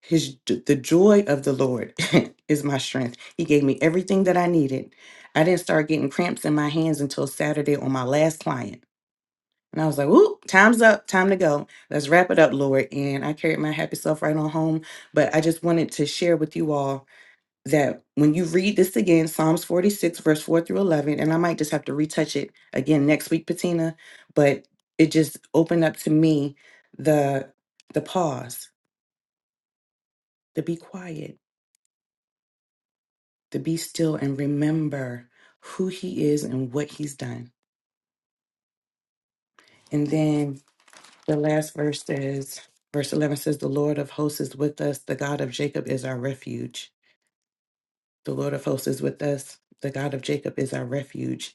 Speaker 5: His j- the joy of the Lord is my strength. He gave me everything that I needed. I didn't start getting cramps in my hands until Saturday on my last client. And I was like, "Ooh, time's up. Time to go. Let's wrap it up, Lord." And I carried my happy self right on home, but I just wanted to share with you all that when you read this again, Psalms 46, verse 4 through 11, and I might just have to retouch it again next week, Patina, but it just opened up to me the the pause, to be quiet, to be still and remember who he is and what he's done. And then the last verse says, verse 11 says, The Lord of hosts is with us, the God of Jacob is our refuge. The Lord of hosts is with us, the God of Jacob is our refuge.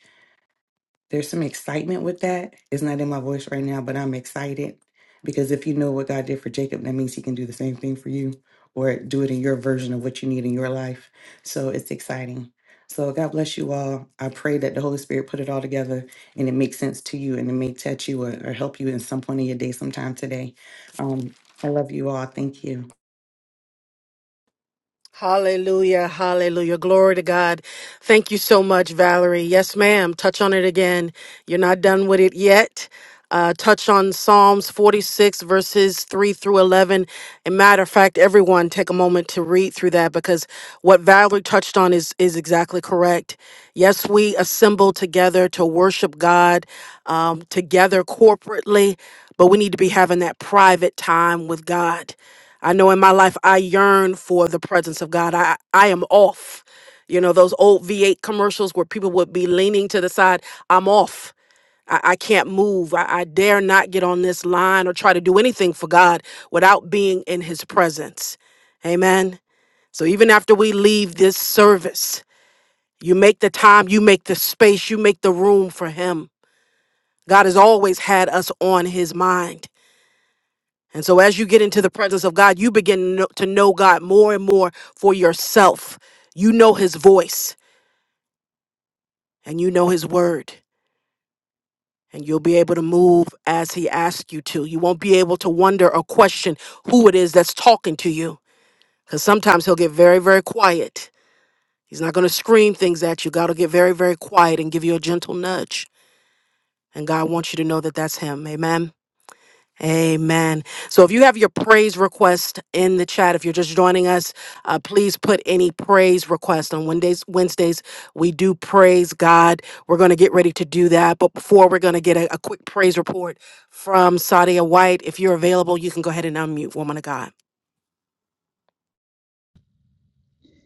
Speaker 5: there's some excitement with that. It's not in my voice right now, but I'm excited because if you know what God did for Jacob, that means he can do the same thing for you or do it in your version of what you need in your life. So it's exciting. So God bless you all. I pray that the Holy Spirit put it all together and it makes sense to you and it may touch you or, or help you in some point in your day sometime today. Um, I love you all. Thank you.
Speaker 1: Hallelujah. Hallelujah. Glory to God. Thank you so much, Valerie. Yes, ma'am. Touch on it again. You're not done with it yet. Uh, touch on Psalms 46, verses 3 through 11. And matter of fact, everyone take a moment to read through that because what Valerie touched on is, is exactly correct. Yes, we assemble together to worship God um, together corporately, but we need to be having that private time with God. I know in my life I yearn for the presence of God. I I am off. You know, those old V8 commercials where people would be leaning to the side, I'm off. I, I can't move. I, I dare not get on this line or try to do anything for God without being in his presence. Amen. So even after we leave this service, you make the time, you make the space, you make the room for him. God has always had us on his mind. And so, as you get into the presence of God, you begin to know to know God more and more for yourself. You know His voice and you know His word, and you'll be able to move as He asks you to. You won't be able to wonder or question who it is that's talking to you because sometimes He'll get very, very quiet. He's not going to scream things at you. God will get very, very quiet and give you a gentle nudge. And God wants you to know that that's Him. Amen. Amen. So if you have your praise request in the chat, if you're just joining us, uh, please put any praise request on Wednesdays. Wednesdays we do praise God. We're going to get ready to do that, but before we're going to get a, a quick praise report from Sadia White. If you're available, you can go ahead and unmute, woman of God.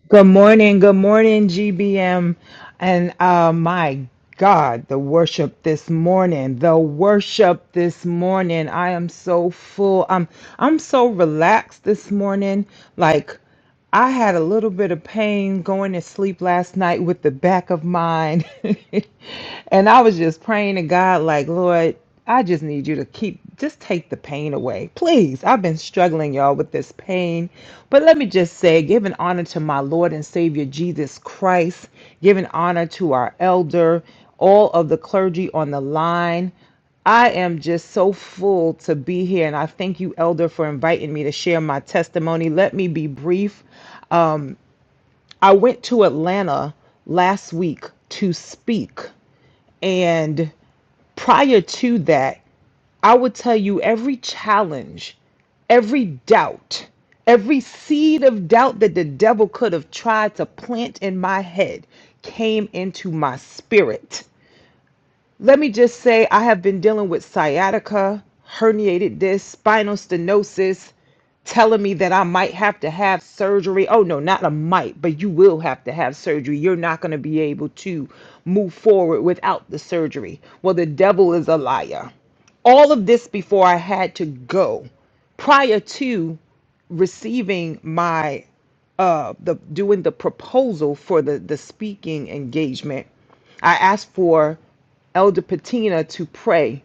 Speaker 6: Good morning, good morning, GBM. And uh, my God, the worship this morning, the worship this morning. I am so full. I'm I'm so relaxed this morning. Like I had a little bit of pain going to sleep last night with the back of mine. and I was just praying to God, like, Lord, I just need you to keep, just take the pain away. Please. I've been struggling, y'all, with this pain. But let me just say, giving honor to my Lord and Savior Jesus Christ, giving honor to our elder, all of the clergy on the line. I am just so full to be here, and I thank you, Elder, for inviting me to share my testimony. Let me be brief. I went to Atlanta last week to speak. And prior to that, I would tell you every challenge, every doubt, every seed of doubt that the devil could have tried to plant in my head came into my spirit. Let me just say, I have been dealing with sciatica, herniated disc, spinal stenosis, telling me that I might have to have surgery. Oh, no, not a might, but you will have to have surgery. You're not going to be able to move forward without the surgery. Well, the devil is a liar. All of this before I had to go prior to receiving my uh, the doing the proposal for the the speaking engagement, I asked for Elder Patina to pray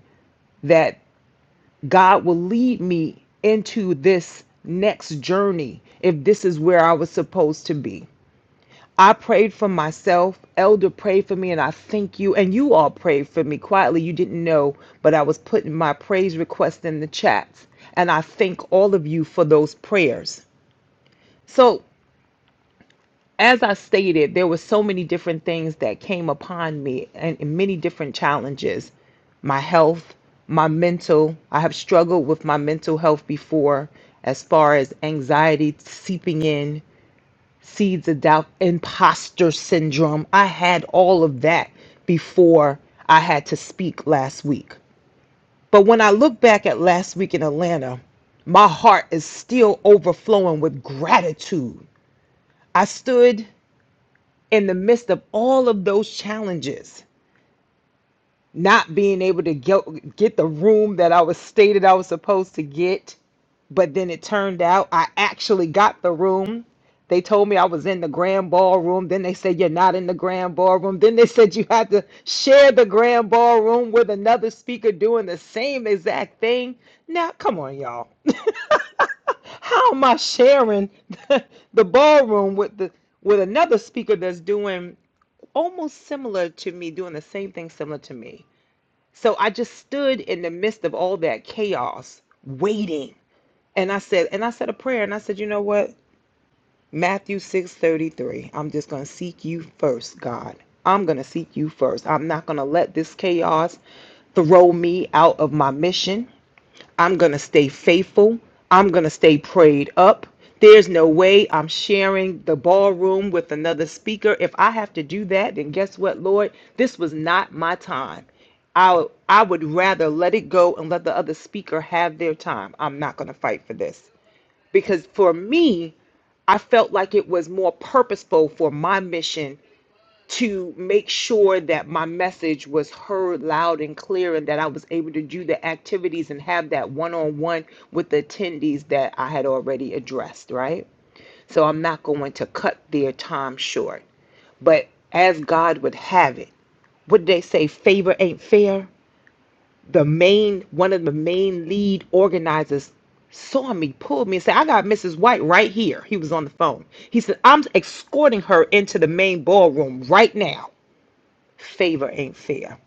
Speaker 6: that God will lead me into this next journey if this is where I was supposed to be. I prayed for myself, Elder prayed for me, and I thank you. And you all prayed for me quietly. You didn't know, but I was putting my praise request in the chats. And I thank all of you for those prayers. So as I stated, there were so many different things that came upon me and, and many different challenges. My health, my mental, I have struggled with my mental health before as far as anxiety seeping in, seeds of doubt, imposter syndrome. I had all of that before I had to speak last week. But when I look back at last week in Atlanta, my heart is still overflowing with gratitude. I stood in the midst of all of those challenges, not being able to get, get the room that I was stated I was supposed to get, but then it turned out I actually got the room. They told me I was in the grand ballroom. Then they said, You're not in the grand ballroom. Then they said you had to share the grand ballroom with another speaker doing the same exact thing. Now, come on, y'all. How am I sharing the ballroom with the with another speaker that's doing almost similar to me, doing the same thing similar to me. So I just stood in the midst of all that chaos, waiting. And I said, and I said a prayer, and I said, you know what? Matthew 6:33. I'm just gonna seek you first, God. I'm gonna seek you first. I'm not gonna let this chaos throw me out of my mission. I'm going to stay faithful. I'm going to stay prayed up. There's no way I'm sharing the ballroom with another speaker. If I have to do that, then guess what, Lord? This was not my time. I I would rather let it go and let the other speaker have their time. I'm not going to fight for this because for me, I felt like it was more purposeful for my mission to make sure that my message was heard loud and clear and that I was able to do the activities and have that one on one with the attendees that I had already addressed, right? So I'm not going to cut their time short. But as God would have it, what did they say? Favor ain't fair. The main one of the main lead organizers saw me, pulled me, and said, I got Mrs. White right here. He was on the phone. He said, I'm escorting her into the main ballroom right now favor ain't fair.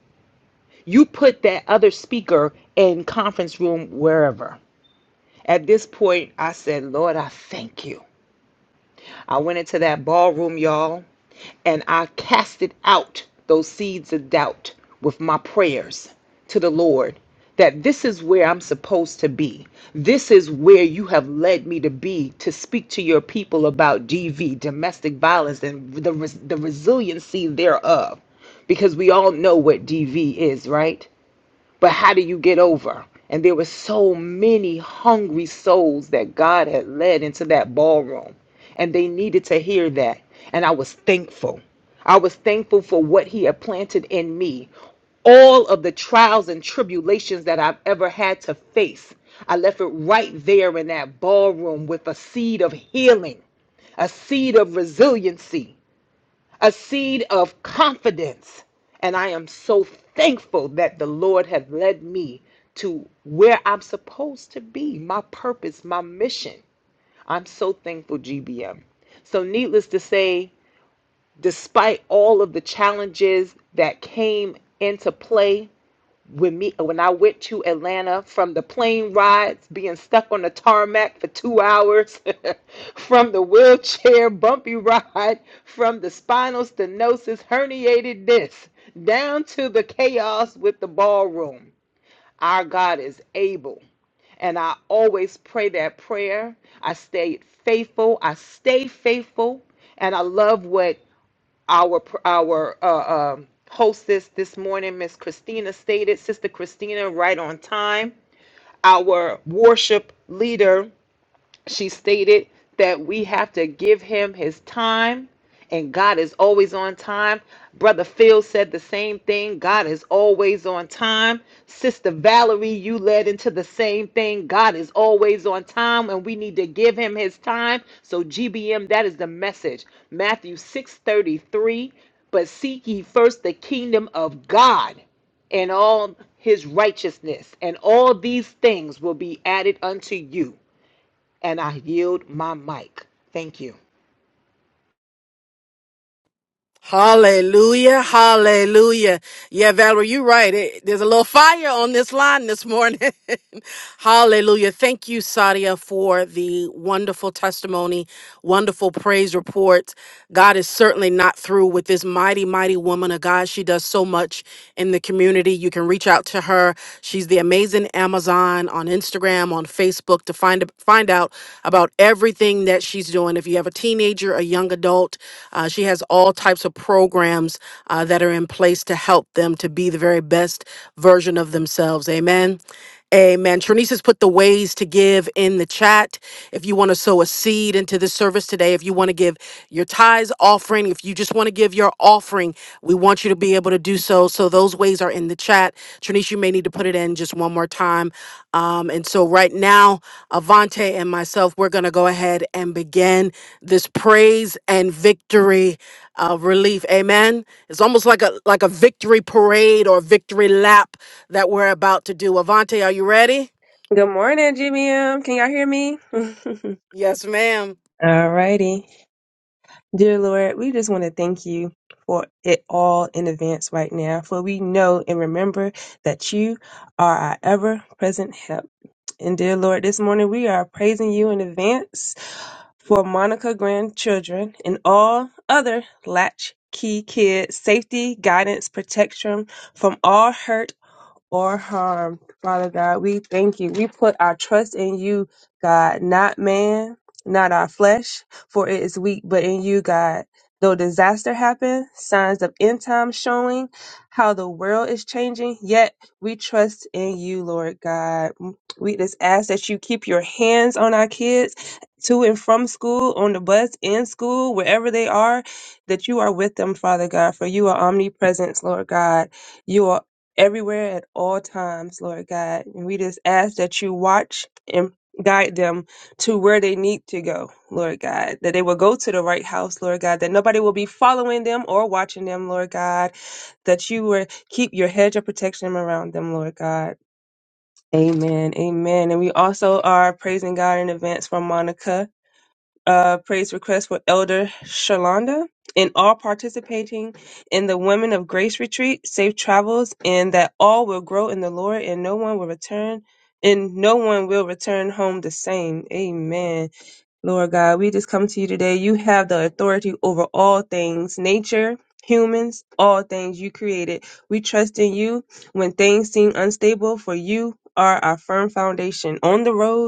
Speaker 6: You put that other speaker in conference room wherever. At this point, I said, Lord, I thank you. I went into that ballroom, y'all, and I casted out those seeds of doubt with my prayers to the Lord that this is where I'm supposed to be. This is where you have led me to be to speak to your people about DV, domestic violence, and the, res- the resiliency thereof. Because we all know what DV is, right? but how do you get over? And there were so many hungry souls that God had led into that ballroom, and they needed to hear that. And I was thankful. I was thankful for what He had planted in me, all of the trials and tribulations that I've ever had to face. I left it right there in that ballroom with a seed of healing, a seed of resiliency a seed of confidence. And I am so thankful that the Lord has led me to where I'm supposed to be, my purpose, my mission. I'm so thankful, GBM. So, needless to say, despite all of the challenges that came into play when me when I went to Atlanta from the plane rides, being stuck on the tarmac for two hours, from the wheelchair bumpy ride, from the spinal stenosis herniated disc, down to the chaos with the ballroom. Our God is able. And I always pray that prayer. I stayed faithful. I stay faithful. And I love what our our uh, um hostess this morning, Miss Christina stated, Sister Christina, right on time. Our worship leader she stated that we have to give him his time, and God is always on time. Brother Phil said the same thing. God is always on time. Sister Valerie, you led into the same thing. God is always on time, and we need to give him his time. So, GBM, that is the message. Matthew 6 33, But seek ye first the kingdom of God and all his righteousness, and all these things will be added unto you. And I yield my mic. Thank you.
Speaker 1: Hallelujah! Hallelujah! Yeah, Valerie, you're right. It, there's a little fire on this line this morning. Hallelujah. Thank you, Sadia, for the wonderful testimony, wonderful praise report. God is certainly not through with this mighty, mighty woman of God. She does so much in the community. You can reach out to her. She's the amazing Amazon on Instagram, on Facebook to find find out about everything that she's doing. If you have a teenager, a young adult, uh, she has all types of programs uh, that are in in place to help them to be the very best version of themselves. Amen. Amen. Trinice has put the ways to give in the chat. If you want to sow a seed into this service today, if you want to give your tithes offering, if you just want to give your offering, we want you to be able to do so. So those ways are in the chat. Trinice, you may need to put it in just one more time. Um, and so right now, Avante and myself, we're going to go ahead and begin this praise and victory uh, relief. Amen. It's almost like a like a victory parade or victory lap that we're about to do. Avante, are you ready?
Speaker 7: Good morning, GBM. Can y'all hear me?
Speaker 1: Yes, ma'am.
Speaker 7: All righty. Dear Lord, we just want to thank you for it all in advance right now, for we know and remember that you are our ever present help. And dear Lord, this morning we are praising you in advance for Monica grandchildren and all other latchkey kids safety guidance protection from all hurt or harmed. Father God, we thank you. We put our trust in you, God, not man, not our flesh, for it is weak, but in you, God. Though disaster happen, signs of end time showing how the world is changing, yet we trust in you, Lord God. We just ask that you keep your hands on our kids to and from school, on the bus, in school, wherever they are, that you are with them, Father God, for you are omnipresent, Lord God. You are everywhere at all times, Lord God. And we just ask that you watch and guide them to where they need to go, Lord God. That they will go to the right house, Lord God. That nobody will be following them or watching them, Lord God. That you will keep your hedge of protection around them, Lord God. Amen. Amen. And we also are praising God in advance for Monica uh, praise request for Elder Shalonda and all participating in the Women of Grace retreat. Safe travels, and that all will grow in the Lord, and no one will return, and no one will return home the same. Amen. Lord God, we just come to you today. You have the authority over all things, nature. Humans, all things you created. We trust in you when things seem unstable, for you are our firm foundation on the road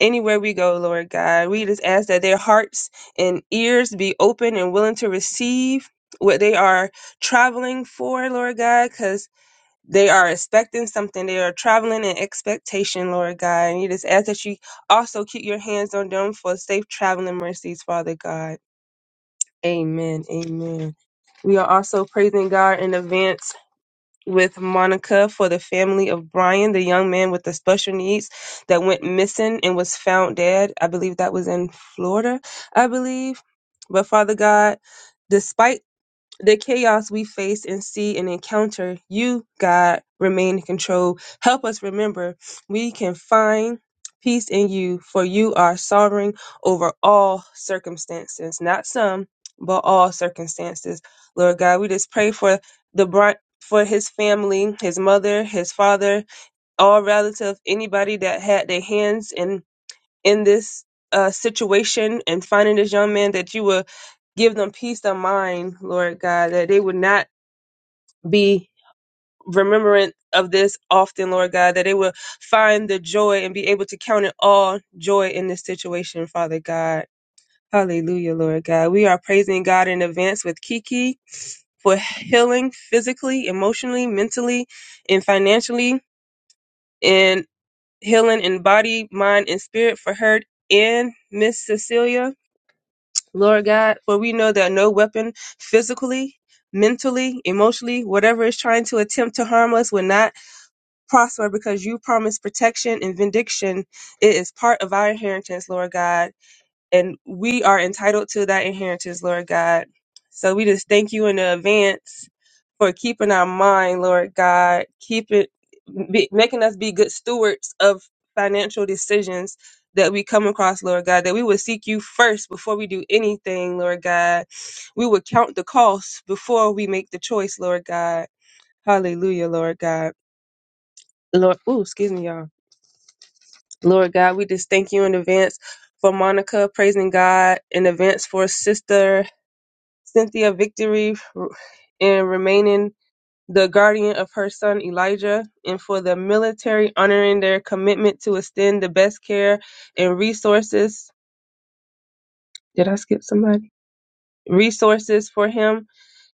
Speaker 7: anywhere we go, Lord God. We just ask that their hearts and ears be open and willing to receive what they are traveling for, Lord God, because they are expecting something. They are traveling in expectation, Lord God. And you just ask that you also keep your hands on them for safe traveling mercies, Father God. Amen. Amen. We are also praising God in advance with Monica for the family of Brian, the young man with the special needs that went missing and was found dead. I believe that was in Florida, I believe. But Father God, despite the chaos we face and see and encounter, you, God, remain in control. Help us remember we can find peace in you, for you are sovereign over all circumstances, not some, but all circumstances. Lord God, we just pray for the brunt. For his family, his mother, his father, all relative, anybody that had their hands in in this uh, situation and finding this young man that you will give them peace of mind, Lord God, that they would not be remembrant of this often, Lord God, that they will find the joy and be able to count it all joy in this situation, Father God. Hallelujah, Lord God. We are praising God in advance with Kiki for healing physically, emotionally, mentally, and financially, and healing in body, mind, and spirit for her and Miss Cecilia. Lord God, for we know that no weapon physically, mentally, emotionally, whatever is trying to attempt to harm us will not prosper because you promise protection and vindication. It is part of our inheritance, Lord God and we are entitled to that inheritance, Lord God. So we just thank you in advance for keeping our mind, Lord God, keep it be, making us be good stewards of financial decisions that we come across, Lord God, that we would seek you first before we do anything, Lord God. We would count the costs before we make the choice, Lord God. Hallelujah, Lord God. Lord, ooh, excuse me, y'all. Lord God, we just thank you in advance for Monica praising God, in advance for Sister Cynthia Victory in remaining the guardian of her son Elijah, and for the military honoring their commitment to extend the best care and resources. Did I skip somebody? Resources for him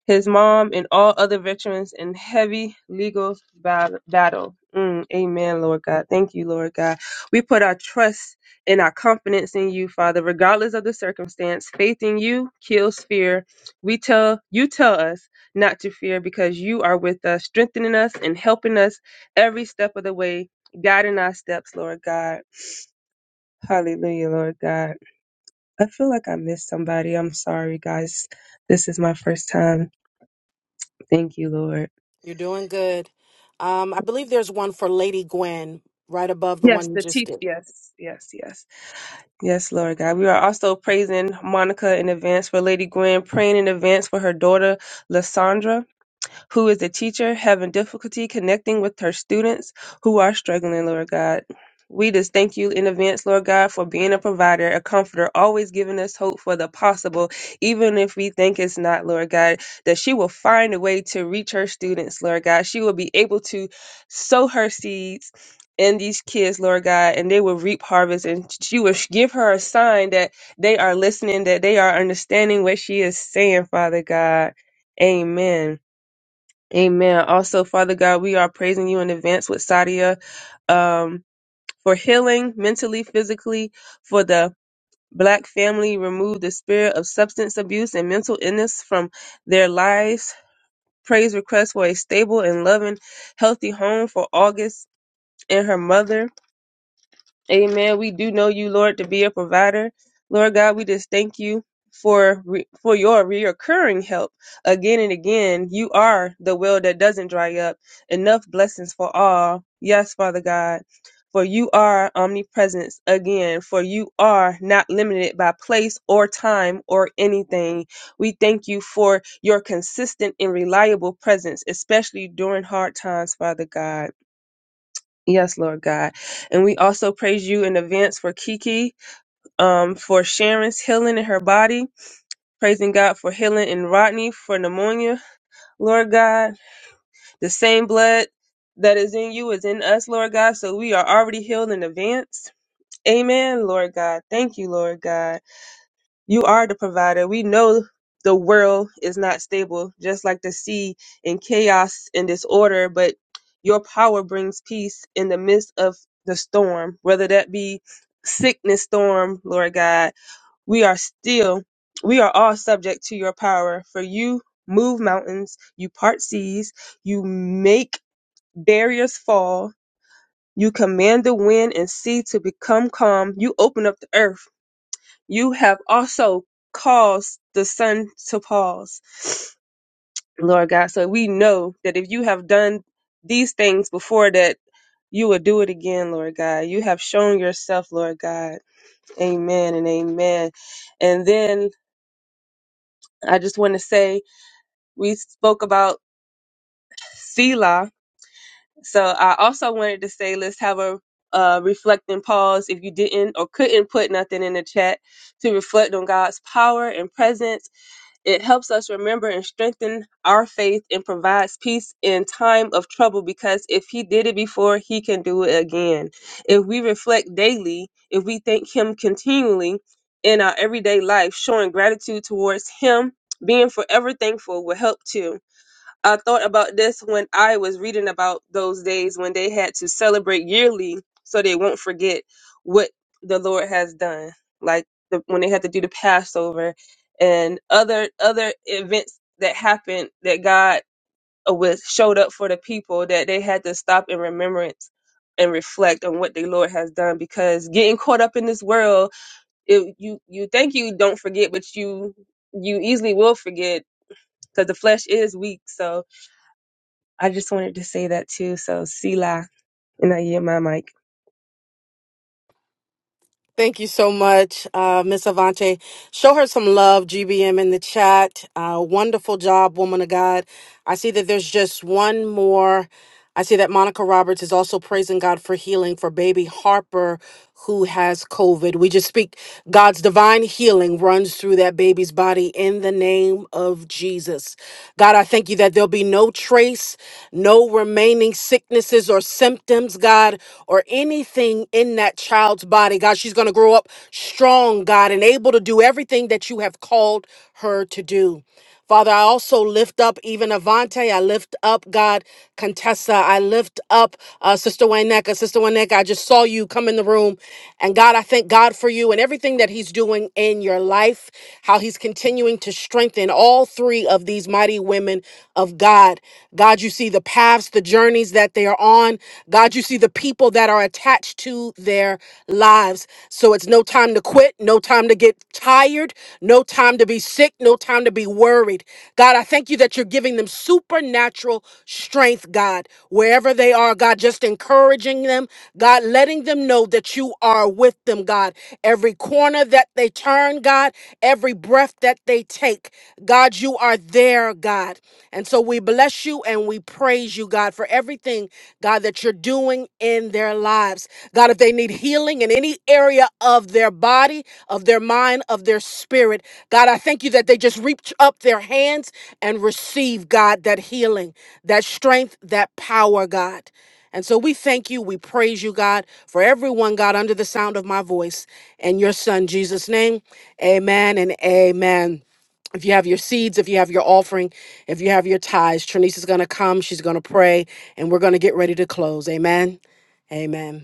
Speaker 7: his mom, and all other veterans in heavy legal bat- battle. Mm, amen, Lord God. Thank you, Lord God. We put our trust and our confidence in you, Father, regardless of the circumstance. Faith in you kills fear. We tell you tell us not to fear because you are with us, strengthening us and helping us every step of the way, guiding our steps, Lord God. Hallelujah, Lord God. I feel like I missed somebody. I'm sorry, guys. This is my first time. Thank you, Lord.
Speaker 1: You're doing good. Um, I believe there's one for Lady Gwen right above the
Speaker 7: Yes,
Speaker 1: one you
Speaker 7: the
Speaker 1: just
Speaker 7: teach.
Speaker 1: did.
Speaker 7: Yes, yes, yes. Yes, Lord God. We are also praising Monica in advance for Lady Gwen, praying in advance for her daughter, Lysandra who is a teacher having difficulty connecting with her students who are struggling, Lord God. We just thank you in advance, Lord God, for being a provider, a comforter, always giving us hope for the possible, even if we think it's not, Lord God, that she will find a way to reach her students, Lord God. She will be able to sow her seeds in these kids, Lord God, and they will reap harvest. And she will sh- give her a sign that they are listening, that they are understanding what she is saying, Father God. Amen. Amen. Also, Father God, we are praising you in advance with Sadia um, for healing mentally, physically, for the black family. Remove the spirit of substance abuse and mental illness from their lives. Praise request for a stable and loving, healthy home for August and her mother. Amen. We do know you, Lord, to be a provider. Lord God, we just thank you for re- for your reoccurring help again and again. You are the well that doesn't dry up. Enough blessings for all. Yes, Father God. For you are omnipresence again, for you are not limited by place or time or anything. We thank you for your consistent and reliable presence, especially during hard times, Father God. Yes, Lord God. And we also praise you in advance for Kiki, um, for Sharon's healing in her body. Praising God for healing in Rodney for pneumonia. Lord God, the same blood that is in you is in us, Lord God. So we are already healed in advance. Amen, Lord God. Thank you, Lord God. You are the provider. We know the world is not stable, just like the sea in chaos and disorder, but your power brings peace in the midst of the storm, whether that be sickness storm, Lord God. We are still, we are all subject to your power, for you move mountains, you part seas, you make barriers fall. You command the wind and sea to become calm. You open up the earth you have also caused the sun to pause, Lord God. So we know that if you have done these things before that, you will do it again, Lord God. You have shown yourself, Lord God. Amen and amen. And then I just want to say we spoke about Selah. So I also wanted to say let's have a uh, reflecting pause if you didn't or couldn't put nothing in the chat to reflect on God's power and presence It helps us remember and strengthen our faith and provides peace in time of trouble because if he did it before, he can do it again. If we reflect daily, if we thank him continually in our everyday life, showing gratitude towards him, being forever thankful will help too. I thought about this when I was reading about those days when they had to celebrate yearly so they won't forget what the Lord has done. Like the, when they had to do the Passover and other other events that happened that God uh, was showed up for the people that they had to stop in remembrance and reflect on what the Lord has done because getting caught up in this world, it, you you think you don't forget, but you you easily will forget because the flesh is weak. So I just wanted to say that too. So, Sila, and I yield my mic.
Speaker 1: Thank you so much, uh, Miss Avante. Show her some love, GBM, in the chat. Uh, wonderful job, woman of God. I see that there's just one more. I see that Monica Roberts is also praising God for healing for baby Harper who has COVID. We just speak God's divine healing runs through that baby's body in the name of Jesus. God, I thank you that there'll be no trace, no remaining sicknesses or symptoms, God, or anything in that child's body. God, she's going to grow up strong, God, and able to do everything that you have called her to do. Father, I also lift up even Avante. I lift up, God, Contessa. I lift up uh, Sister Waneka. Sister Waneka, I just saw you come in the room. And God, I thank God for you and everything that He's doing in your life, how He's continuing to strengthen all three of these mighty women of God. God, you see the paths, the journeys that they are on. God, you see the people that are attached to their lives. So it's no time to quit, no time to get tired, no time to be sick take no time to be worried. God, I thank you that you're giving them supernatural strength, God, wherever they are, God, just encouraging them, God, letting them know that you are with them, God. Every corner that they turn, God, every breath that they take, God, you are there, God. And so we bless you and we praise you, God, for everything, God, that you're doing in their lives. God, if they need healing in any area of their body, of their mind, of their spirit, God, I thank you that they just reach up their hands and receive, God, that healing, that strength, that power, God. And so we thank you. We praise you, God, for everyone, God, under the sound of my voice. In your son, Jesus' name, amen and amen. If you have your seeds, if you have your offering, if you have your tithes, Trinice is going to come. She's going to pray, and we're going to get ready to close. Amen. Amen.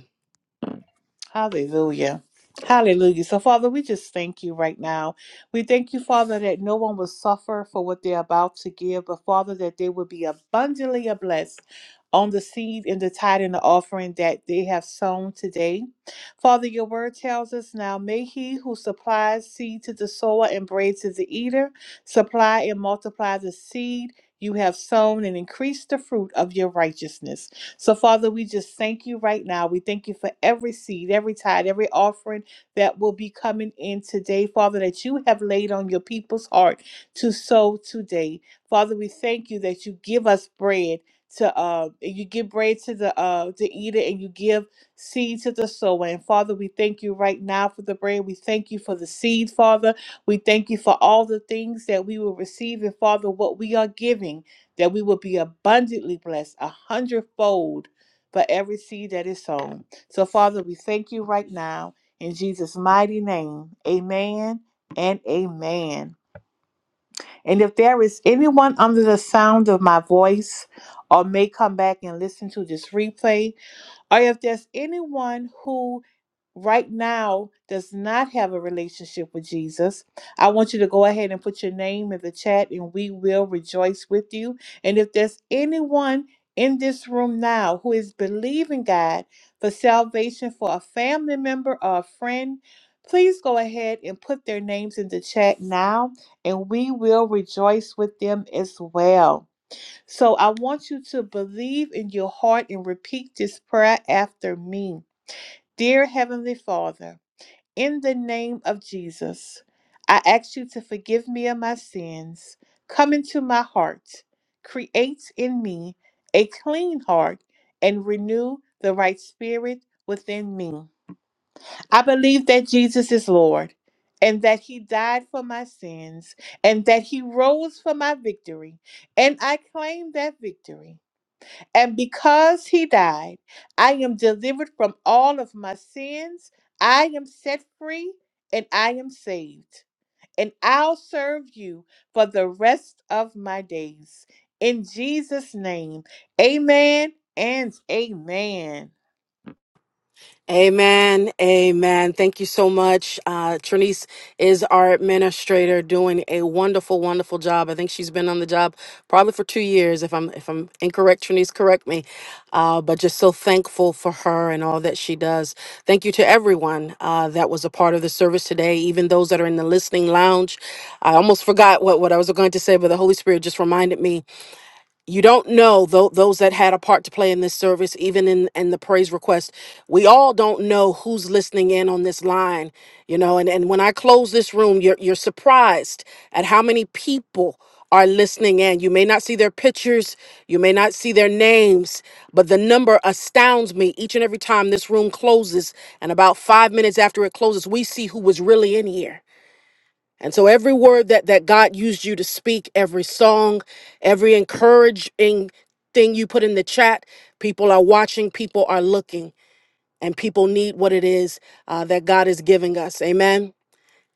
Speaker 2: Hallelujah. Hallelujah. So, Father, we just thank you right now. We thank you, Father, that no one will suffer for what they're about to give, but, Father, that they will be abundantly blessed on the seed and the tithe and the offering that they have sown today. Father, your word tells us now, may he who supplies seed to the sower and bread to the eater supply and multiply the seed you have sown and increase the fruit of your righteousness. So, Father, we just thank you right now. We thank you for every seed, every tithe, every offering that will be coming in today, Father, that you have laid on your people's heart to sow today. Father, we thank you that you give us bread to uh you give bread to the uh to eater and you give seed to the sower and father we thank you right now for the bread we thank you for the seed father we thank you for all the things that we will receive and father what we are giving that we will be abundantly blessed a hundredfold for every seed that is sown. So, Father, we thank you right now in Jesus' mighty name. Amen and amen. And if there is anyone under the sound of my voice or may come back and listen to this replay, or if there's anyone who right now does not have a relationship with Jesus, I want you to go ahead and put your name in the chat and we will rejoice with you. And if there's anyone in this room now who is believing God for salvation for a family member or a friend, please go ahead and put their names in the chat now and we will rejoice with them as well. So I want you to believe in your heart and repeat this prayer after me. Dear Heavenly Father, in the name of Jesus, I ask you to forgive me of my sins. Come into my heart. Create in me a clean heart and renew the right spirit within me. I believe that Jesus is Lord and that he died for my sins and that he rose for my victory. And I claim that victory. And because he died, I am delivered from all of my sins. I am set free and I am saved and I'll serve you for the rest of my days. In Jesus' name, amen and amen.
Speaker 1: Amen. Amen. Thank you so much. Uh, Trinice is our administrator doing a wonderful, wonderful job. I think she's been on the job probably for two years. If I'm, if I'm incorrect, Trinice, correct me. Uh, but just so thankful for her and all that she does. Thank you to everyone, uh, that was a part of the service today. Even those that are in the listening lounge. I almost forgot what, what I was going to say, but the Holy Spirit just reminded me you don't know tho- those that had a part to play in this service even in and the praise request we all don't know who's listening in on this line you know and, and when i close this room you're, you're surprised at how many people are listening in you may not see their pictures you may not see their names but the number astounds me each and every time this room closes and about five minutes after it closes we see who was really in here and so every word that that God used you to speak, every song, every encouraging thing you put in the chat, people are watching, people are looking, and people need what it is uh, that God is giving us. Amen.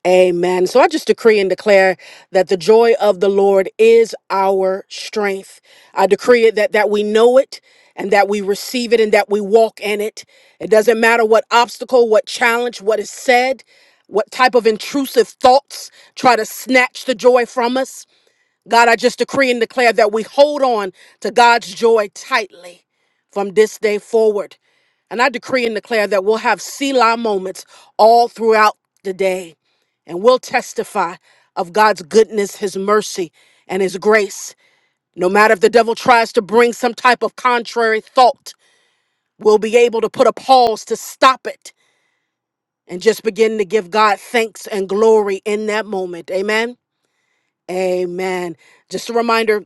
Speaker 1: Amen. So I just decree and declare that the joy of the Lord is our strength. I decree it that that we know it and that we receive it and that we walk in it. It doesn't matter what obstacle, what challenge, what is said, what type of intrusive thoughts try to snatch the joy from us. God, I just decree and declare that we hold on to God's joy tightly from this day forward. And I decree and declare that we'll have Selah moments all throughout the day. And we'll testify of God's goodness, His mercy, and His grace. No matter if the devil tries to bring some type of contrary thought, we'll be able to put a pause to stop it and just begin to give God thanks and glory in that moment. Amen. Amen. Just a reminder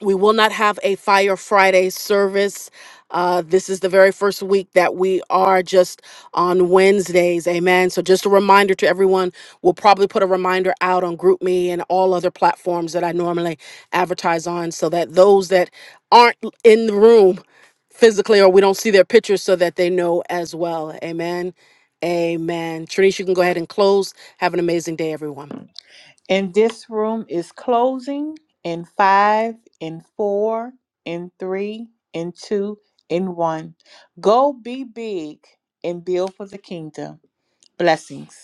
Speaker 1: we will not have a Fire Friday service. Uh, this is the very first week that we are just on Wednesdays. Amen. So, just a reminder to everyone, we'll probably put a reminder out on GroupMe and all other platforms that I normally advertise on so that those that aren't in the room physically or we don't see their pictures so that they know as well. Amen. Amen. Trinice, you can go ahead and close. Have an amazing day, everyone.
Speaker 2: And this room is closing in five, in four, in three, in two, in one. Go be big and build for the kingdom. Blessings.